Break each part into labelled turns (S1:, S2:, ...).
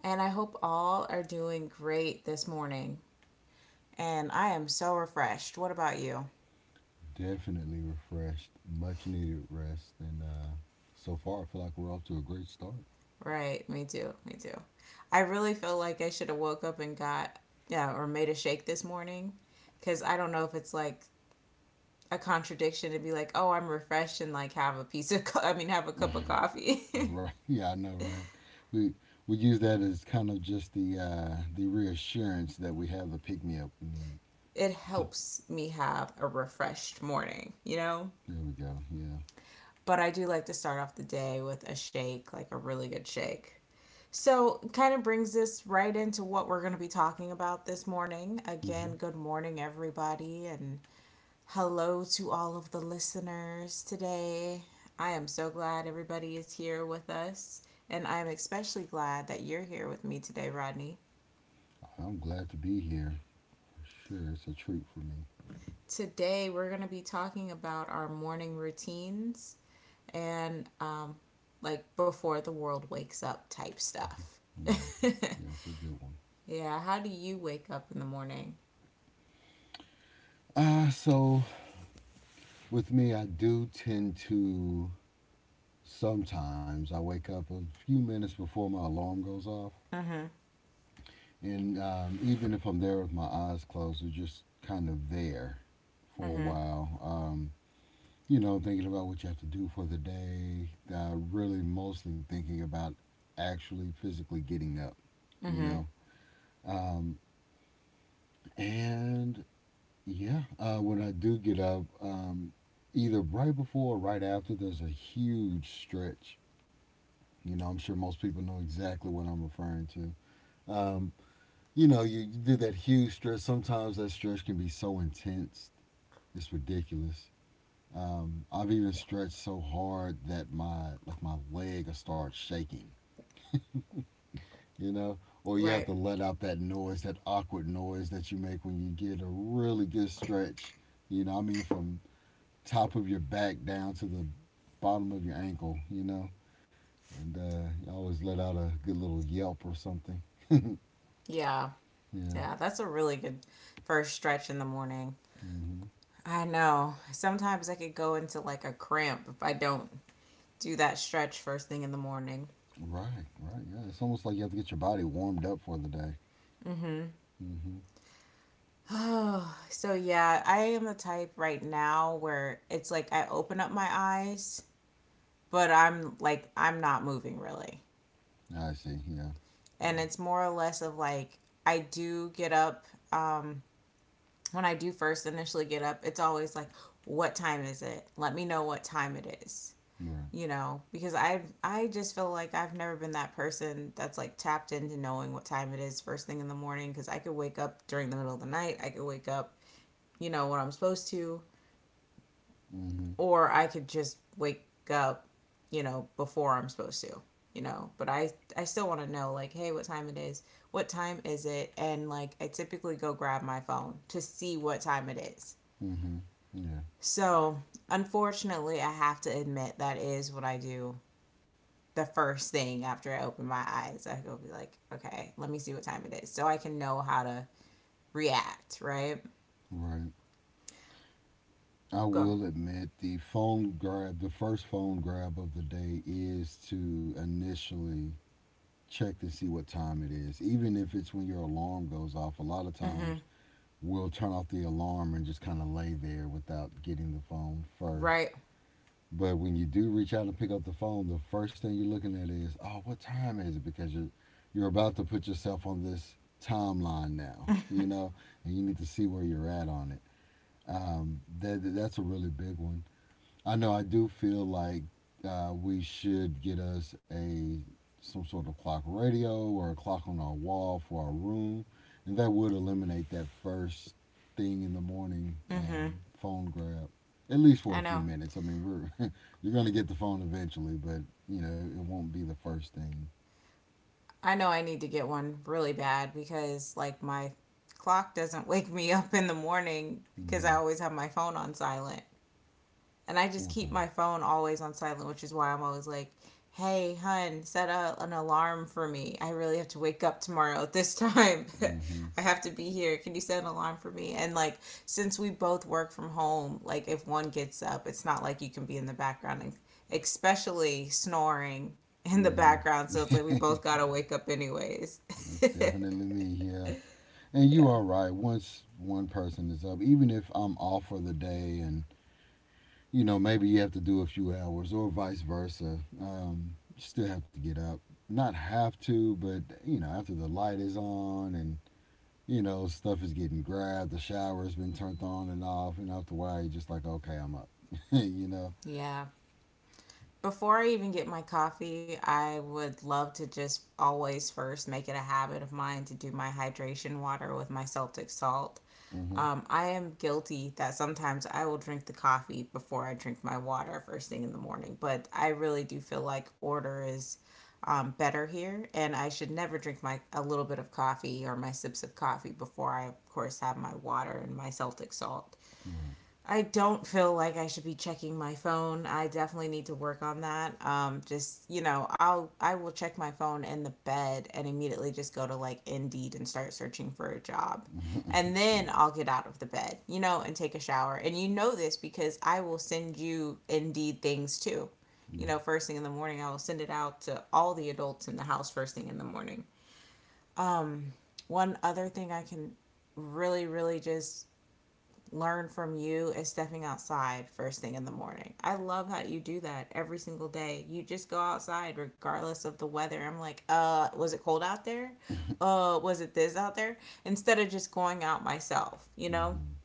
S1: and I hope all are doing great this morning. And I am so refreshed. What about you?
S2: Definitely refreshed, much needed rest, and so far I feel like we're off to a great start.
S1: Right, me too, me too. I really feel like I should have woke up and got yeah, or made a shake this morning because I don't know if it's like a contradiction to be like, "Oh, I'm refreshed and like have a piece of co- I mean, have a cup of coffee."
S2: Right? We we use that as kind of just the reassurance that we have the pick me up we need.
S1: It helps me have a refreshed morning, you know?
S2: There we go. Yeah.
S1: But I do like to start off the day with a shake, like a really good shake. So, kind of brings this right into what we're going to be talking about this morning.
S2: hmm
S1: Again, good morning, everybody, and hello to all of the listeners today. I am so glad everybody is here with us, and I'm especially glad that you're here with me today, Rodney.
S2: I'm glad to be here for sure. It's a treat for me.
S1: Today, we're going to be talking about our morning routines and like, before the world wakes up type stuff.
S2: Yeah. Yeah, it's a good one.
S1: Yeah, how do you wake up in the morning?
S2: So with me, I do tend to sometimes I wake up a few minutes before my alarm goes off.
S1: Mm hmm.
S2: And Even if I'm there with my eyes closed, or just kind of there
S1: Mm
S2: for a
S1: hmm.
S2: while, you know, thinking about what you have to do for the day, really mostly thinking about actually physically getting up, you
S1: Mm-hmm.
S2: know. Um, and Yeah, when I do get up, either right before or right after, there's a huge stretch. You know, I'm sure most people know exactly what I'm referring to. Um, you know, you did that huge stretch. Sometimes that stretch can be so intense, it's ridiculous. I've even stretched so hard that my leg will start shaking, you know. Or you have
S1: Right.
S2: to let out that noise, that awkward noise that you make when you get a really good stretch. You know, I mean, from top of your back down to the bottom of your ankle, you know. And you always let out a good little yelp or something.
S1: Yeah.
S2: Yeah.
S1: Yeah. That's a really good first stretch in the morning.
S2: hmm
S1: I know. Sometimes I could go into like a cramp if I don't do that stretch first thing in the morning.
S2: Right, right. Yeah, it's almost like you have to get your body warmed up for the day. Mm-hmm.
S1: Oh, so yeah, I am the type right now where it's like I open up my eyes, but I'm like I'm not moving really.
S2: I see. Yeah.
S1: And
S2: Mm,
S1: it's more or less of like I do get up um when I do first initially get up, it's always like what time is it? Let me know what time it is.
S2: Right.
S1: You know, because I just feel like I've never been that person that's like tapped into knowing what time it is first thing in the morning, because I could wake up during the middle of the night, I could wake up, you know, when I'm supposed to,
S2: Mm-hmm.
S1: or I could just wake up, you know, before I'm supposed to, you know. But I still want to know like, hey, what time it is, what time is it? And like, I typically go grab my phone to see what time it is.
S2: Mm-hmm. Yeah.
S1: So unfortunately, I have to admit that is what I do the first thing after I open my eyes. I go be like, okay, let me see what time it is, so I can know how to react. Right?
S2: Right. I
S1: Go.
S2: will admit the phone grab, the first phone grab of the day is to initially check to see what time it is. Even if it's when your alarm goes off, a lot of
S1: Mm-hmm.
S2: times we'll turn off the alarm and just kind of lay there without getting the phone first.
S1: Right.
S2: But when you do reach out and pick up the phone, the first thing you're looking at is, oh, what time is it? Because you're about to put yourself on this timeline now, you know, and you need to see where you're at on it. That that's a really big one. I know I do feel like we should get us a some sort of clock radio or a clock on our wall for our room, and that would eliminate that first thing in the morning
S1: Mm-hmm.
S2: phone grab, at least for
S1: I
S2: a few
S1: know.
S2: minutes. I mean, we're you're gonna get the phone eventually, but you know it won't be the first thing.
S1: I know. I need to get one really bad because like my clock doesn't wake me up in the morning because
S2: Mm-hmm.
S1: I always have my phone on silent. And I just keep
S2: Okay.
S1: my phone always on silent, which is why I'm always like, hey, hun, set a, an alarm for me. I really have to wake up tomorrow at this time.
S2: Mm-hmm.
S1: I have to be here. Can you set an alarm for me? And like, since we both work from home, like, if one gets up, it's not like you can be in the background, and especially snoring in the
S2: Mm-hmm.
S1: background. So it's like we both got to wake up, anyways.
S2: That's definitely me. Yeah. And you
S1: Yeah.
S2: are right. Once one person is up, even if I'm off for the day and you know, maybe you have to do a few hours or vice versa. You still have to get up. Not have to, but, you know, after the light is on and, you know, stuff is getting grabbed, the shower's been turned on and off, and after a while, you're just like, okay, I'm up, you know?
S1: Yeah. Before I even get my coffee, I would love to just always first make it a habit of mine to do my hydration water with my Celtic salt.
S2: hmm
S1: I am guilty that sometimes I will drink the coffee before I drink my water first thing in the morning, but I really do feel like order is better here, and I should never drink my a little bit of coffee or my sips of coffee before I, of course, have my water and my Celtic salt.
S2: Right.
S1: I don't feel like I should be checking my phone. I definitely need to work on that. Just you know, I will check my phone in the bed and immediately just go to like Indeed and start searching for a job, and then
S2: Yeah.
S1: I'll get out of the bed, you know, and take a shower. And you know this because I will send you Indeed things too.
S2: Yeah.
S1: You know, first thing in the morning, I will send it out to all the adults in the house first thing in the morning. Um, one other thing I can really, really just learn from you is stepping outside first thing in the morning. I love how you do that every single day. You just go outside regardless of the weather. I'm like, was it cold out there? Was it this out there? Instead of just going out myself, you know?
S2: hmm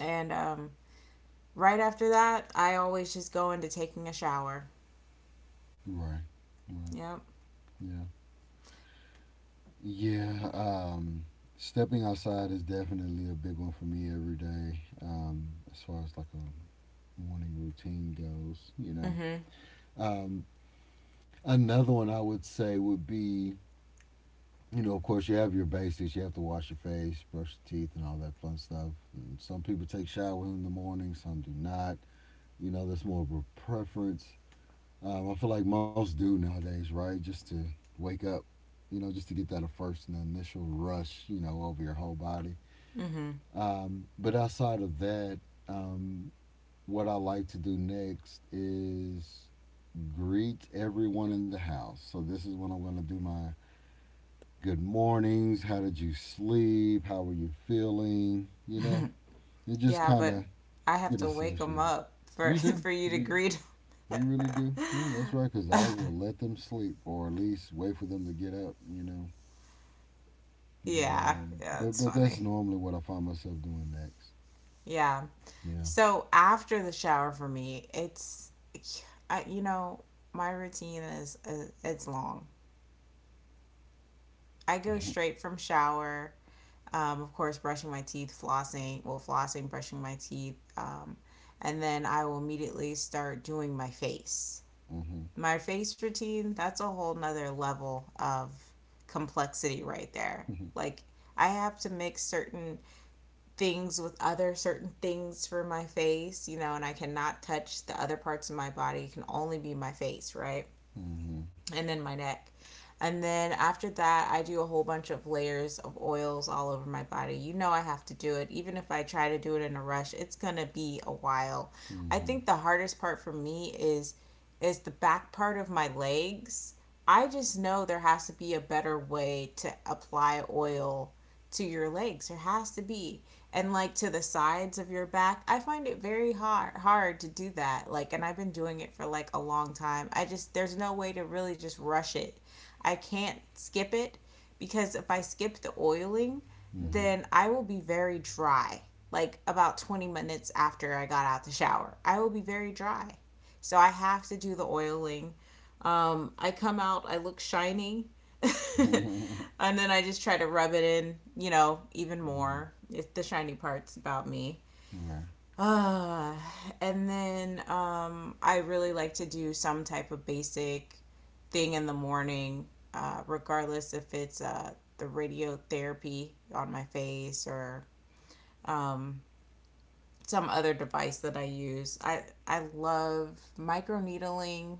S1: And right after that, I always just go into taking a shower.
S2: Right. Right.
S1: Yep.
S2: Yeah. Yeah. Stepping outside is definitely a big one for me every day as far as like a morning routine goes, you
S1: Mm
S2: know?
S1: hmm.
S2: Um, another one I would say would be, you know, of course you have your basics. You have to wash your face, brush your teeth, and all that fun stuff. And some people take showers in the morning, some do not. You know, that's more of a preference. I feel like most do nowadays, right? Just to wake up, you know, just to get that first and initial rush, you know, over your whole body.
S1: Mm hmm.
S2: But outside of that, um, what I like to do next is greet everyone in the house. So this is when I'm going to do my good mornings. How did you sleep? How are you feeling? You know, and just
S1: Yeah,
S2: kind
S1: but
S2: of
S1: I have
S2: get
S1: to wake them
S2: associated.
S1: up for,
S2: You do.
S1: for you to greet.
S2: You really do. Yeah, that's right. Cause I will let them sleep, or at least wait for them to get up. You know. But
S1: Yeah.
S2: um,
S1: Yeah,
S2: but
S1: it's
S2: but that's
S1: funny.
S2: normally what I find myself doing next.
S1: Yeah.
S2: Yeah.
S1: So after the shower for me, it's I, you know, my routine is, it's long. I go straight from shower. Of course, brushing my teeth, flossing, well, flossing, brushing my teeth, and then I will immediately start doing my face.
S2: Mhm.
S1: My face routine, that's a whole nother level of complexity right there. Like, I have to mix certain things with other certain things for my face, you know, and I cannot touch the other parts of my body. It can only be my face, right?
S2: Mhm.
S1: And then my neck. And then after that, I do a whole bunch of layers of oils all over my body. You know, I have to do it. Even if I try to do it in a rush, it's going to be a while. I
S2: Mhm.
S1: think the hardest part for me is the back part of my legs. I just know there has to be a better way to apply oil to your legs. There has to be, and like to the sides of your back. I find it very hard to do that. Like and I've been doing it for like a long time. I just there's no way to really just rush it. I can't skip it because if I skip the oiling,
S2: Mhm.
S1: then I will be very dry. Like about 20 minutes after I got out the shower, I will be very dry. So I have to do the oiling I come out, I look shiny,
S2: Mhm.
S1: and then I just try to rub it in, you know, even
S2: mhm.
S1: more. It's the shiny part's about me.
S2: Right.
S1: Uh, and then I really like to do some type of basic thing in the morning, regardless if it's the radiotherapy on my face or um, some other device that I use. I love microneedling,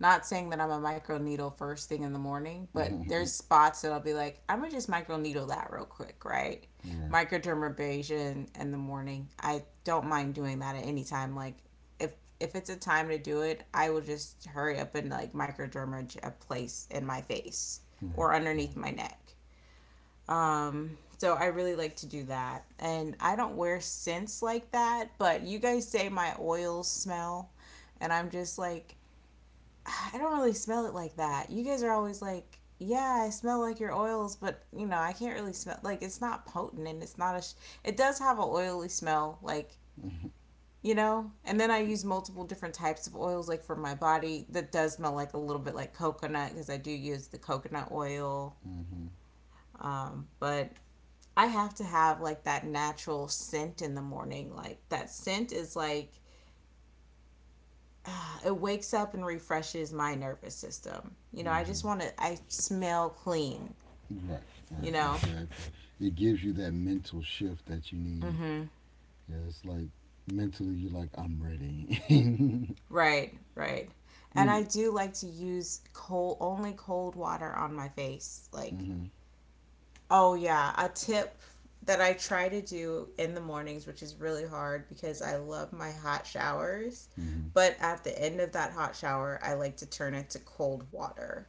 S1: not saying that I'm a micro needle first thing in the morning, but
S2: right,
S1: there's spots that I'll be like, I'm gonna just micro needle that real quick, right?
S2: right,
S1: Microdermabrasion in the morning. I don't mind doing that at any time. Like if if it's a time to do it, I will just hurry up and like microdermage a place in my face or
S2: right.
S1: underneath my neck. So I really like to do that. And I don't wear scents like that, but you guys say my oils smell. And I'm just like, I don't really smell it like that. You guys are always like, yeah, I smell like your oils, but you know, I can't really smell like it's not potent and it's not a. Sh- it does have an oily smell, like you know. And then I use multiple different types of oils, like for my body that does smell like a little bit like coconut because I do use the coconut oil.
S2: hmm
S1: But I have to have like that natural scent in the morning. Like that scent is like it wakes up and refreshes my nervous system. You know, I
S2: hmm
S1: just want to, I smell clean,
S2: Right,
S1: you
S2: right,
S1: know?
S2: exactly. It gives you that mental shift that you need.
S1: Mm-hmm.
S2: Yeah, it's like mentally you're like, I'm ready.
S1: Right, right. And I
S2: when,
S1: do like to use cold, only cold water on my face. Like,
S2: hmm
S1: oh yeah, a tip that I try to do in the mornings, which is really hard because I love my hot showers.
S2: hmm
S1: But at the end of that hot shower, I like to turn it to cold water,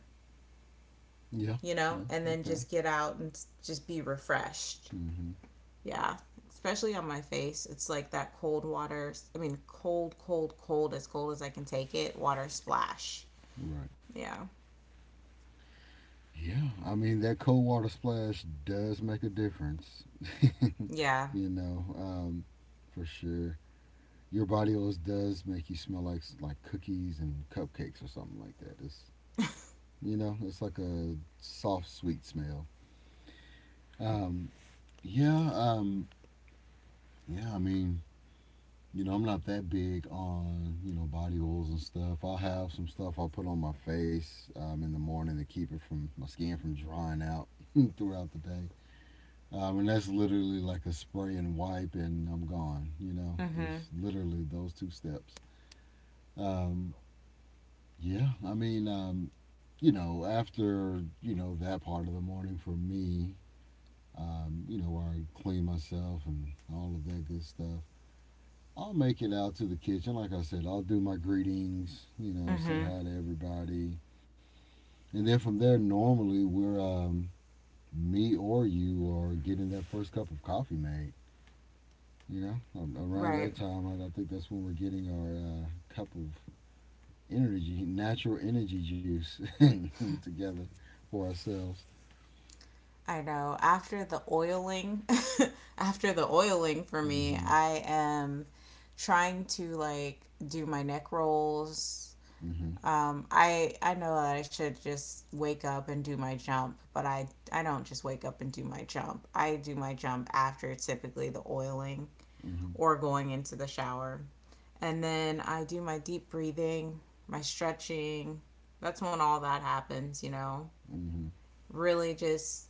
S2: Yeah,
S1: you know,
S2: yeah,
S1: and then
S2: okay.
S1: just get out and just be refreshed.
S2: hmm
S1: Yeah, especially on my face. It's like that cold water. I mean, cold, cold, cold as I can take it. Water splash.
S2: Right.
S1: Yeah.
S2: Yeah, I mean, that cold water splash does make a difference,
S1: Yeah.
S2: you know, for sure. Your body always does make you smell like cookies and cupcakes or something like that. It's You know, it's like a soft, sweet smell. Yeah, yeah, I mean, you know, I'm not that big on, you know, body oils and stuff. I'll have some stuff I'll put on my face in the morning to keep it from my skin from drying out throughout the day. And that's literally like a spray and wipe, and I'm gone. You know,
S1: Mhm.
S2: there's literally those two steps. Um, yeah, I mean, you know, after, you know, that part of the morning for me, you know, where I clean myself and all of that good stuff. I'll make it out to the kitchen. Like I said, I'll do my greetings, you know, say
S1: Mhm.
S2: hi to everybody. And then from there, normally me or you are getting that first cup of coffee made. You know. Around
S1: Right.
S2: that time, I think that's when we're getting our cup of energy, natural energy juice together for ourselves.
S1: I know. After the oiling, after the oiling for
S2: Mm
S1: me,
S2: hmm.
S1: I am trying to like do my neck rolls.
S2: Mm hmm.
S1: I know that I should just wake up and do my jump, but I don't just wake up and do my jump. I do my jump after typically the oiling,
S2: Mm hmm.
S1: or going into the shower. And then I do my deep breathing, my stretching. That's when all that happens, you know.
S2: Mm hmm.
S1: Really just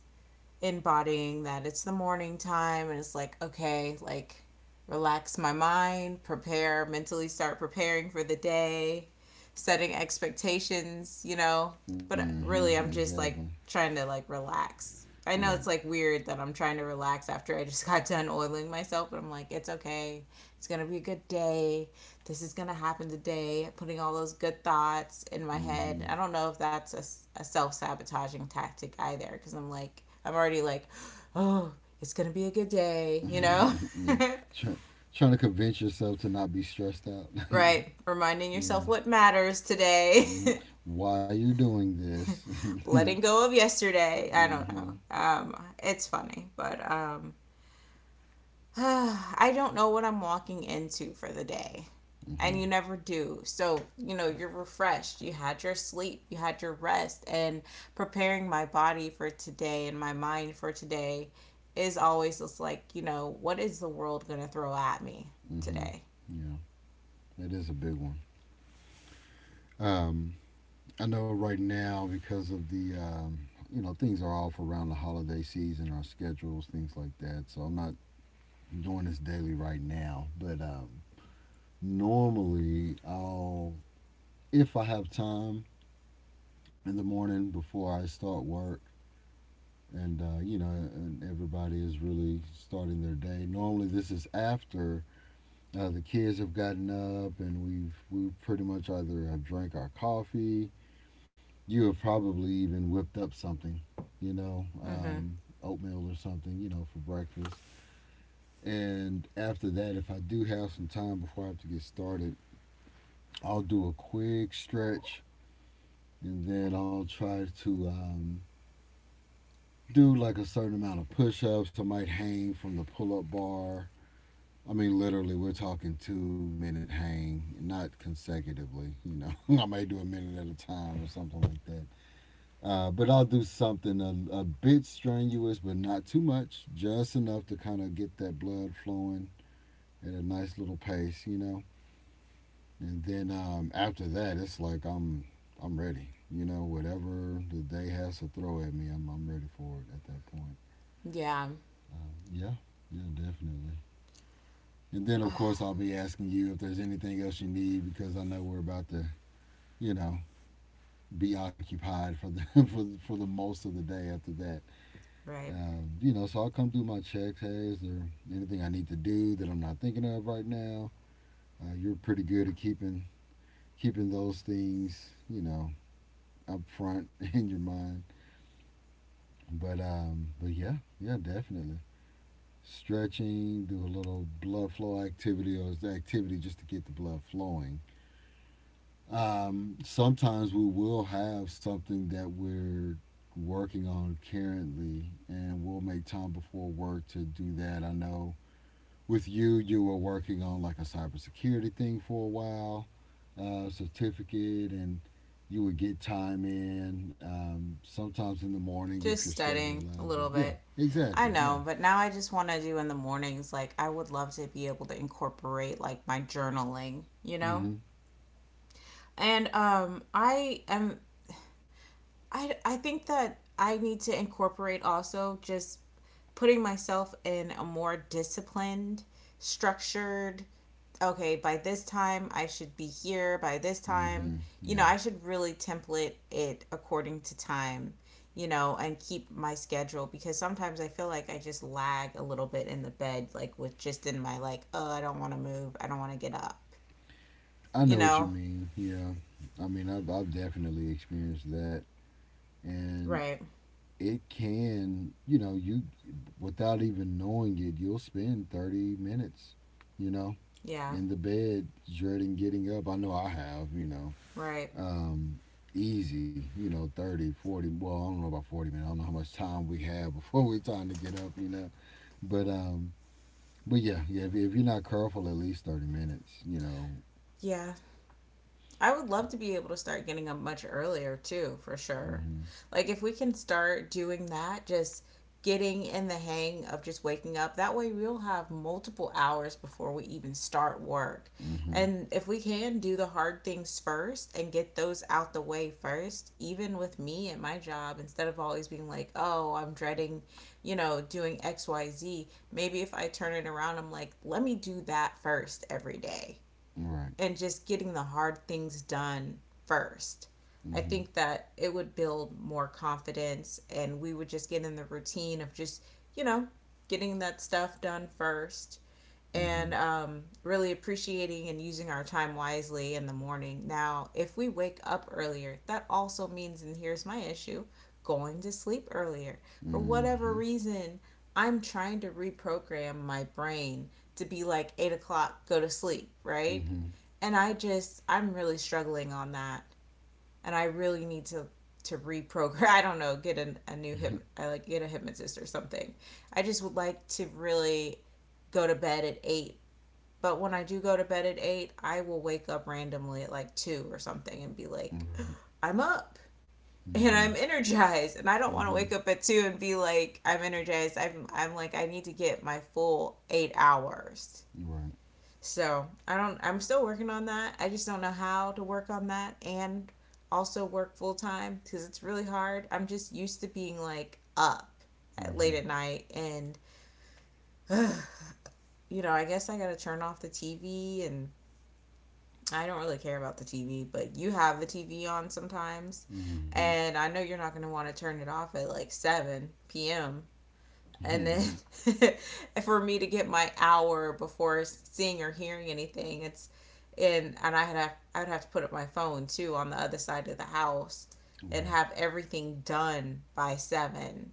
S1: embodying that it's the morning time and it's like, okay, like relax my mind, prepare mentally, start preparing for the day, setting expectations, you know.
S2: Mm
S1: But
S2: hmm.
S1: really I'm just
S2: Exactly.
S1: like trying to like relax. I know
S2: Right.
S1: it's like weird that I'm trying to relax after I just got done oiling myself, but I'm like, it's okay, it's gonna be a good day, this is going to happen today, putting all those good thoughts in my head.
S2: hmm
S1: I don't know if that's a self sabotaging tactic either, because I'm like, I'm already like, oh, it's going to be a good day, you know?
S2: yeah. Try, Trying to convince yourself to not be stressed out.
S1: Right. Reminding yourself
S2: yeah.
S1: what matters today,
S2: hmm Why you're doing this. hmm
S1: letting go of yesterday. I don't know.
S2: hmm
S1: It's funny, but I don't know what I'm walking into for the day. And you never do. So, you know, you're refreshed. You had your sleep, you had your rest, and preparing my body for today and my mind for today is always just like, you know, what is the world going to throw at me
S2: hmm
S1: today?
S2: Yeah. That is a big one. Um, I know right now because of the you know, things are off around the holiday season, our schedules, things like that. So I'm not doing this daily right now. But normally, if I have time in the morning before I start work, and you know, and everybody is really starting their day. Normally, this is after the kids have gotten up, and we pretty much either have drank our coffee. You have probably even whipped up something, you know,
S1: Mhm.
S2: oatmeal or something, you know, for breakfast. And after that, if I do have some time before I have to get started, I'll do a quick stretch, and then I'll try to do like a certain amount of push-ups. I might hang from the pull-up bar. I mean, literally, we're talking 2 minute hang, not consecutively. You know, I may do a minute at a time or something like that. But I'll do something a bit strenuous, but not too much, just enough to kind of get that blood flowing at a nice little pace, you know. And then after that, it's like I'm ready. You know, whatever the day has to throw at me, I'm ready for it at that point.
S1: Yeah,
S2: Yeah, yeah, definitely. And then, of course, I'll be asking you if there's anything else you need because I know we're about to, you know, be occupied for the for the most of the day after that.
S1: right.
S2: You know, so I'll come through my checks. Hey, is there anything I need to do that I'm not thinking of right now? You're pretty good at keeping those things, you know, up front in your mind. But yeah, yeah, definitely stretching, do a little blood flow activity or activity just to get the blood flowing. Sometimes we will have something that we're working on currently, and we'll make time before work to do that. I know with you, you were working on like a cybersecurity thing for a while, certificate, and you would get time in sometimes in the morning if your
S1: Just
S2: schedule
S1: studying a
S2: allows you.
S1: little
S2: Yeah,
S1: bit. I
S2: exactly. Yeah.
S1: know, but now I just want to do in the mornings, like I would love to be able to incorporate like my journaling, you know?
S2: Mm-hmm.
S1: And I am. I think that I need to incorporate also just putting myself in a more disciplined, structured. Okay, by this time I should be here. By this time,
S2: Mm-hmm.
S1: you know,
S2: Yeah.
S1: I should really template it according to time. You know, and keep my schedule, because sometimes I feel like I just lag a little bit in the bed, like with just in my like, oh, I don't want to move, I don't want to get up.
S2: I
S1: You
S2: know what you
S1: know,
S2: mean. Yeah. I mean, I've definitely experienced that. And
S1: right?
S2: it can, you know, you without even knowing it, you'll spend 30 minutes, you know,
S1: Yeah,
S2: in the bed dreading getting up. I know I have, you know.
S1: right.
S2: Um Easy, you know, 30, 40. Well, I don't know about 40 minutes. I don't know how much time we have before we're time to get up, you know. But um but yeah, yeah, if you're not careful at least 30 minutes, you know.
S1: Yeah. I would love to be able to start getting up much earlier too, for sure.
S2: Mhm.
S1: Like if we can start doing that, just getting in the hang of just waking up. That way we'll have multiple hours before we even start work.
S2: Mhm.
S1: And if we can do the hard things first and get those out the way first, even with me and my job, instead of always being like, oh, I'm dreading, you know, doing XYZ, maybe if I turn it around, I'm like, let me do that first every day
S2: Right.
S1: and just getting the hard things done first. I
S2: Mhm.
S1: think that it would build more confidence and we would just get in the routine of just, you know, getting that stuff done first
S2: Mhm.
S1: and really appreciating and using our time wisely in the morning. Now, if we wake up earlier, that also means, and here's my issue, going to sleep earlier. For whatever
S2: Mhm.
S1: reason, I'm trying to reprogram my brain to be like 8 o'clock, go to sleep, right?
S2: Mhm.
S1: And I just, I'm really struggling on that. And I really need to reprogram. I don't know, get a new hip, I like, get a hypnotist or something. I just would like to really go to bed at 8, but when I do go to bed at 8, I will wake up randomly at like two or something and be like,
S2: Right.
S1: I'm up and
S2: Mhm.
S1: I'm energized. And I don't want to
S2: Mhm.
S1: wake up at two and be like, I'm energized. I'm like, I need to get my full 8 hours.
S2: Right.
S1: So I don't, I'm still working on that. I just don't know how to work on that and also work full time, because it's really hard. I'm just used to being like up at late
S2: Mm-hmm.
S1: at night and, you know, I guess I gotta turn off the TV, and I don't really care about the TV, but you have the TV on sometimes,
S2: Mm-hmm.
S1: and I know you're not going to want to turn it off at like 7 p.m. And then
S2: Mm-hmm.
S1: for me to get my hour before seeing or hearing anything, it's, and I had have, I would have to put up my phone too on the other side of the house and
S2: Right.
S1: have everything done by 7.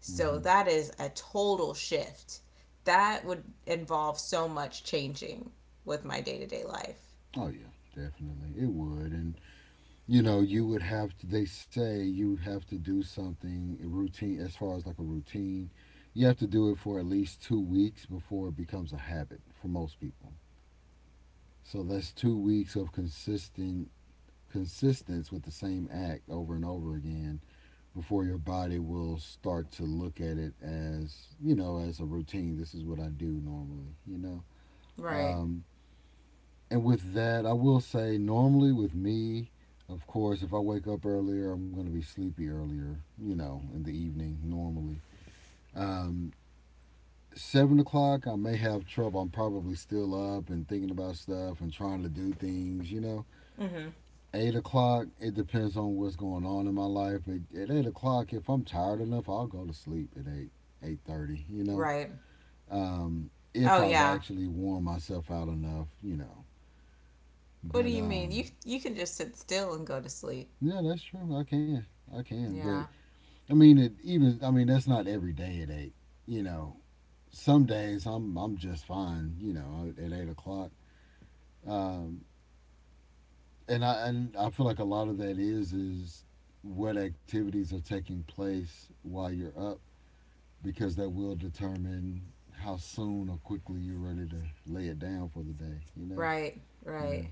S1: So
S2: Mm-hmm.
S1: that is a total shift. That would involve so much changing with my day-to-day life.
S2: Oh yeah, definitely. It would, and you know, you would have to. They say you have to do something routine, as far as like a routine. You have to do it for at least 2 weeks before it becomes a habit for most people. So that's 2 weeks of consistent consistence with the same act over and over again before your body will start to look at it as as a routine. This is what I do normally. You know.
S1: Right.
S2: Um, And with that, I will say normally with me, of course, if I wake up earlier, I'm going to be sleepy earlier, you know, in the evening normally. Um, 7 o'clock, I may have trouble. I'm probably still up and thinking about stuff and trying to do things, you know.
S1: Mm-hmm.
S2: 8 o'clock, it depends on what's going on in my life. But at 8 o'clock, if I'm tired enough, I'll go to sleep at eight, 8:30, you know.
S1: Right.
S2: If
S1: Oh
S2: I've
S1: yeah.
S2: actually worn myself out enough, you know.
S1: What do
S2: But
S1: you mean? You you can just sit still and go to sleep.
S2: yeah, that's true. I can. I can. But
S1: Yeah.
S2: I mean, it even. I mean, that's not every day at eight. You know, some days I'm just fine. You know, at 8 o'clock. Um, and I feel like a lot of that is what activities are taking place while you're up because that will determine how soon or quickly you're ready to lay it down for the day. You know.
S1: Right.
S2: Yeah.
S1: Right.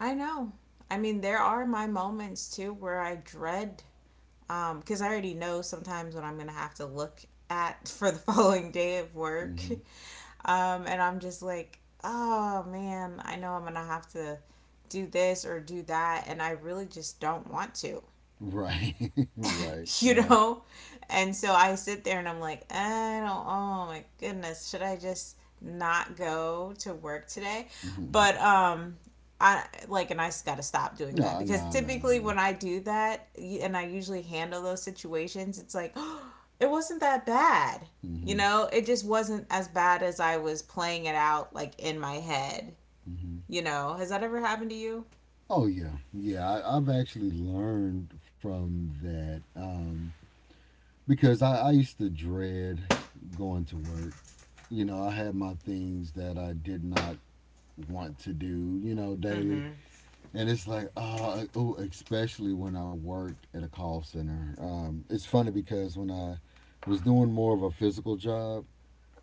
S1: I know. I mean, there are my moments too where I dread, because I already know sometimes what I'm going to have to look at for the following day of work.
S2: hmm
S1: And I'm just like, "Oh man, I know I'm going to have to do this or do that and I really just don't want to."
S2: Right. right.
S1: You
S2: Yeah.
S1: know? And so I sit there and I'm like, I don't, oh my goodness, should I just not go to work today?
S2: hmm
S1: But I like, and I just got to stop doing that,
S2: No.
S1: because
S2: No. No.
S1: typically
S2: No.
S1: when I do that, and I usually handle those situations, it's like, oh, it wasn't that bad. You
S2: hmm
S1: know, it just wasn't as bad as I was playing it out, like in my head.
S2: hmm
S1: You know, has that ever happened to you?
S2: Oh yeah, yeah. I've actually learned from that because I used to dread going to work. You know, I had my things that I did not want to do. You know,
S1: Mm
S2: daily,
S1: hmm.
S2: and it's like, oh, especially when I worked at a call center. It's funny because when I was doing more of a physical job,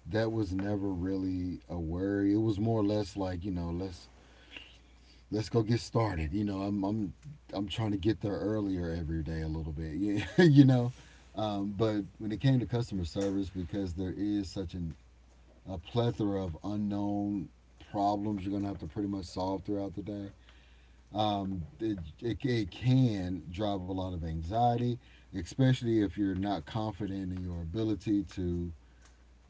S2: that was never really a worry. It was more or less like, you know, let's go get started. You know, I'm trying to get there earlier every day a little bit. you know, but when it came to customer service, because there is such an a plethora of unknown problems you're gonna have to pretty much solve throughout the day. It can drive a lot of anxiety, especially if you're not confident in your ability to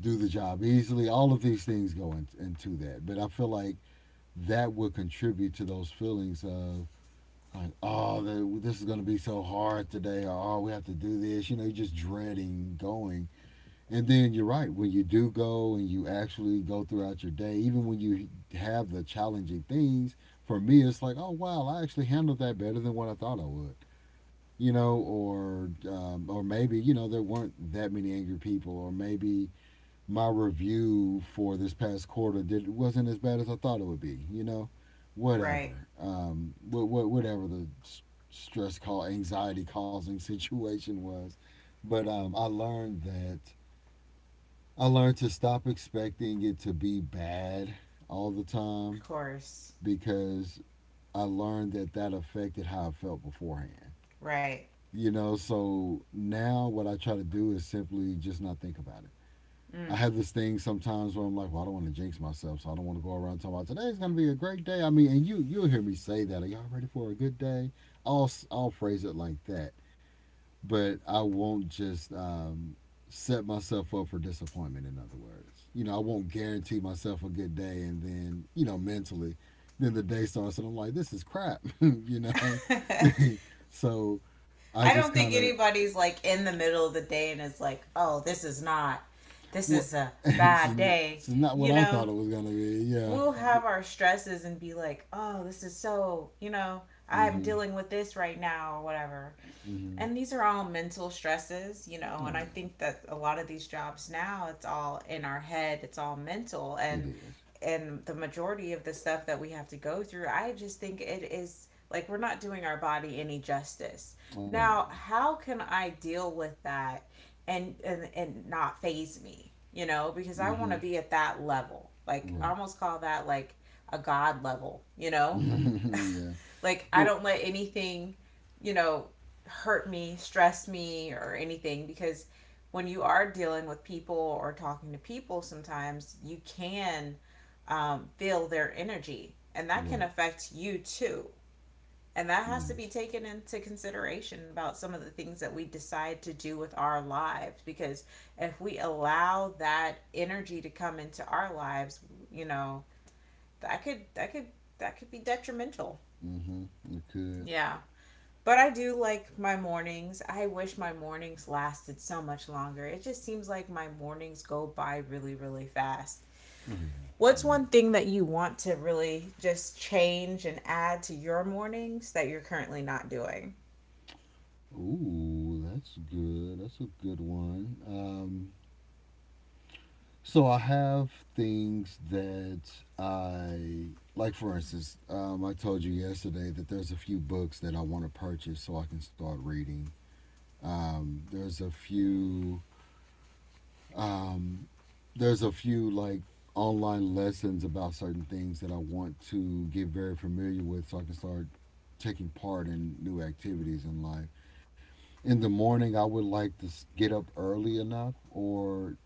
S2: do the job easily. All of these things go into that. But I feel like that will contribute to those feelings of like, oh, this is going to be so hard today, or oh, we have to do this. You know, you're just dreading going. And then you're right, when you do go and you actually go throughout your day, even when you have the challenging things, for me, it's like, oh, wow, I actually handled that better than what I thought I would. You know, or maybe you know there weren't that many angry people, or maybe my review for this past quarter did wasn't as bad as I thought it would be. You know,
S1: Right.
S2: whatever, whatever the stress call anxiety causing situation was, but I learned to stop expecting it to be bad all the
S1: Of
S2: time
S1: course.
S2: because I learned that that affected how I felt beforehand.
S1: Right.
S2: You know, so now what I try to do is simply just not think about it. I
S1: Mm.
S2: have this thing sometimes where I'm like, well, I don't want to jinx myself, so I don't want to go around talking about today's going to be a great day. I mean, and you'll hear me say that. Are y'all ready for a good day? I'll phrase it like that, but I won't just set myself up for disappointment. In other words, you know, I won't guarantee myself a good day, and then you know, mentally, then the day starts, and I'm like, this is crap, you know. so I
S1: I
S2: just
S1: don't
S2: kind
S1: think
S2: of
S1: anybody's like in the middle of the day and is like, oh, this is not, this
S2: well,
S1: is a
S2: it's,
S1: bad
S2: n-
S1: day.
S2: not what
S1: You
S2: I
S1: know,
S2: thought it was going to be. Yeah,
S1: we'll
S2: but.
S1: have our stresses and be like, oh, this is so, you know, I'm
S2: Mhm.
S1: dealing with this right now or whatever,
S2: hmm
S1: and these are all mental stresses, you know.
S2: Oh
S1: And I
S2: yeah,
S1: think that a lot of these jobs now, it's all in our head, it's all mental. and
S2: it is.
S1: and the majority of the stuff that we have to go through, I just think it is like we're not doing our body any justice.
S2: Oh no.
S1: Now how can I deal with that and not phase me, you know, because I want to
S2: hmm
S1: be at that level. Like I
S2: Right.
S1: almost call that like a god level, you know.
S2: yeah.
S1: Like I
S2: Well.
S1: don't let anything, you know, hurt me, stress me, or anything, because when you are dealing with people or talking to people, sometimes you can, feel their energy, and that can
S2: Right.
S1: affect you too. And that has
S2: Yeah.
S1: to be taken into consideration about some of the things that we decide to do with our lives, because if we allow that energy to come into our lives, you know, that could that could that could be detrimental.
S2: hmm It could.
S1: Yeah. But I do like my mornings. I wish my mornings lasted so much longer. It just seems like my mornings go by really, really fast.
S2: Oh yeah.
S1: What's
S2: Mm.
S1: one thing that you want to really just change and add to your mornings that you're currently not doing?
S2: Ooh, that's good. That's a good one. So I have things that I like. For instance, I told you yesterday that there's a few books that I want to purchase so I can start reading. Um, there's a few there's a few like online lessons about certain things that I want to get very familiar with so I can start taking part in new activities in life. In the morning, I would like to get up early enough, or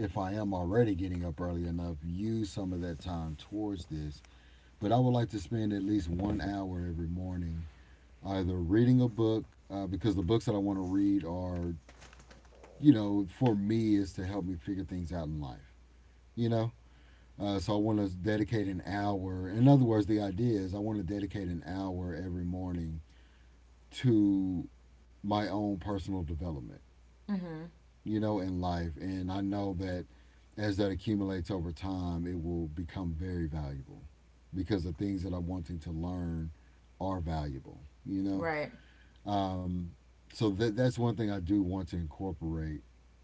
S2: if I am already getting up early enough, use some of that time towards this. But I would like to spend at least 1 hour every morning either reading a book, because the books that I want to read are, you know, for me, is to help me figure things out in life. You know, So I want to dedicate an hour. In other words, the idea is I want to dedicate an hour every morning to my own personal development,
S1: Mm-hmm.
S2: you know, in life. And I know that as that accumulates over time, it will become very valuable because the things that I'm wanting to learn are valuable, you know.
S1: Right.
S2: So that's one thing I do want to incorporate.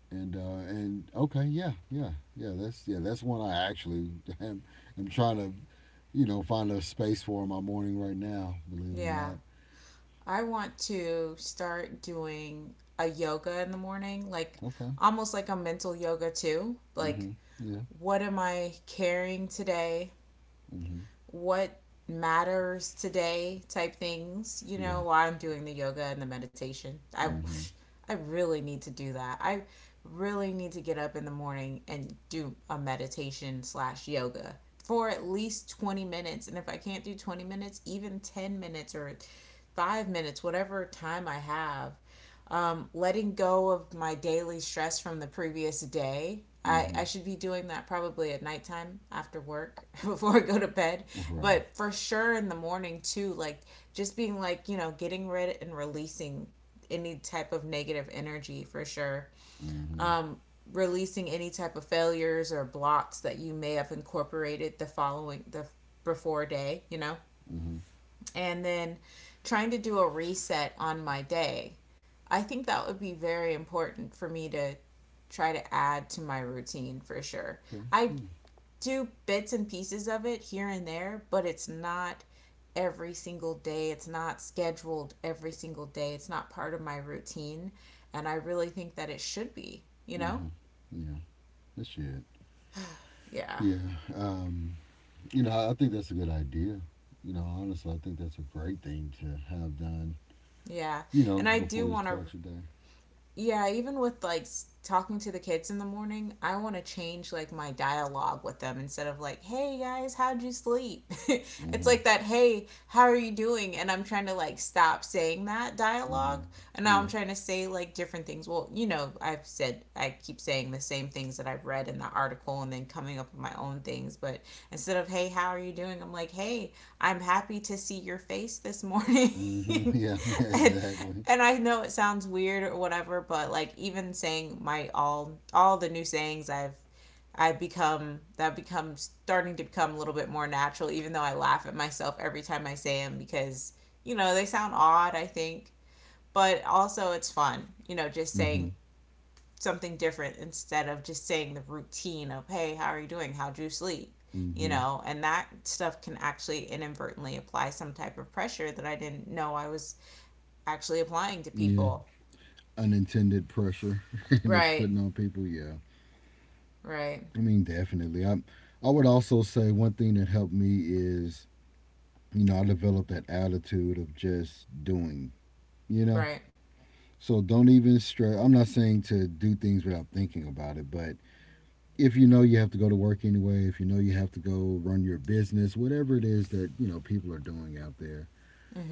S2: And okay, yeah, that's one I actually am am trying to you know, find a space for in my morning right now, believe it or
S1: Yeah.
S2: not.
S1: I want to start doing a yoga in the morning, like
S2: Okay.
S1: almost like a mental yoga too. Like,
S2: Mm-hmm. Yeah.
S1: what am I carrying today?
S2: Mm-hmm.
S1: What matters today type things, you know,
S2: Right.
S1: while I'm doing the yoga and the meditation. I
S2: Mm-hmm.
S1: I really need to do that. I really need to get up in the morning and do a meditation slash yoga for at least 20 minutes. And if I can't do 20 minutes, even 10 minutes or 5 minutes, whatever time I have, letting go of my daily stress from the previous day. I,
S2: Mm-hmm.
S1: I should be doing that probably at nighttime after work before I go to bed,
S2: Right.
S1: but for sure in the morning too. Like just being like, you know, getting rid and releasing any type of negative energy for sure.
S2: Mm-hmm.
S1: Releasing any type of failures or blocks that you may have incorporated the following, the before day, you know?
S2: Mm-hmm.
S1: And then trying to do a reset on my day. I think that would be very important for me to try to add to my routine for sure.
S2: Okay.
S1: I do bits and pieces of it here and there, but it's not every single day. It's not scheduled every single day. It's not part of my routine. And I really think that it should be, you know?
S2: Mm-hmm. Yeah. That's shit.
S1: Yeah.
S2: Yeah. Um, you know, I think that's a good idea. You know, honestly, I think that's a great thing to have done,
S1: Yeah.
S2: you know,
S1: And I do
S2: before you
S1: want to,
S2: start your day.
S1: yeah, even with like talking to the kids in the morning, I want to change like my dialogue with them, instead of like, "Hey guys, how'd you sleep?" It's
S2: Mm-hmm.
S1: like that, "Hey, how are you doing?" And I'm trying to like stop saying that
S2: Mm-hmm.
S1: dialogue, and now
S2: Yeah.
S1: I'm trying to say like different things. Well, you know, I've said I keep saying the same things that I've read in the article and then coming up with my own things, but instead of, "Hey, how are you doing?" I'm like, "Hey, I'm happy to see your face this morning."
S2: Mm-hmm. Yeah,
S1: and
S2: exactly.
S1: and I know it sounds weird or whatever, but like even saying my all the new sayings I've I become that becomes starting to become a little bit more natural, even though I laugh at myself every time I say them because you know they sound odd, I think, but also it's fun, you know, just
S2: Mm-hmm.
S1: saying something different instead of just saying the routine of hey, how are you doing? How'd you sleep? You
S2: Mm-hmm.
S1: know, and that stuff can actually inadvertently apply some type of pressure that I didn't know I was actually applying to
S2: Yeah.
S1: people.
S2: Unintended pressure that you're
S1: Right.
S2: putting on people. Yeah,
S1: Right.
S2: I mean, definitely. I would also say one thing that helped me is you know I developed that attitude of just doing. You know,
S1: Right.
S2: so don't even stress. I'm not saying to do things without thinking about it, but if you know you have to go to work anyway, if you know you have to go run your business, whatever it is that you know people are doing out there,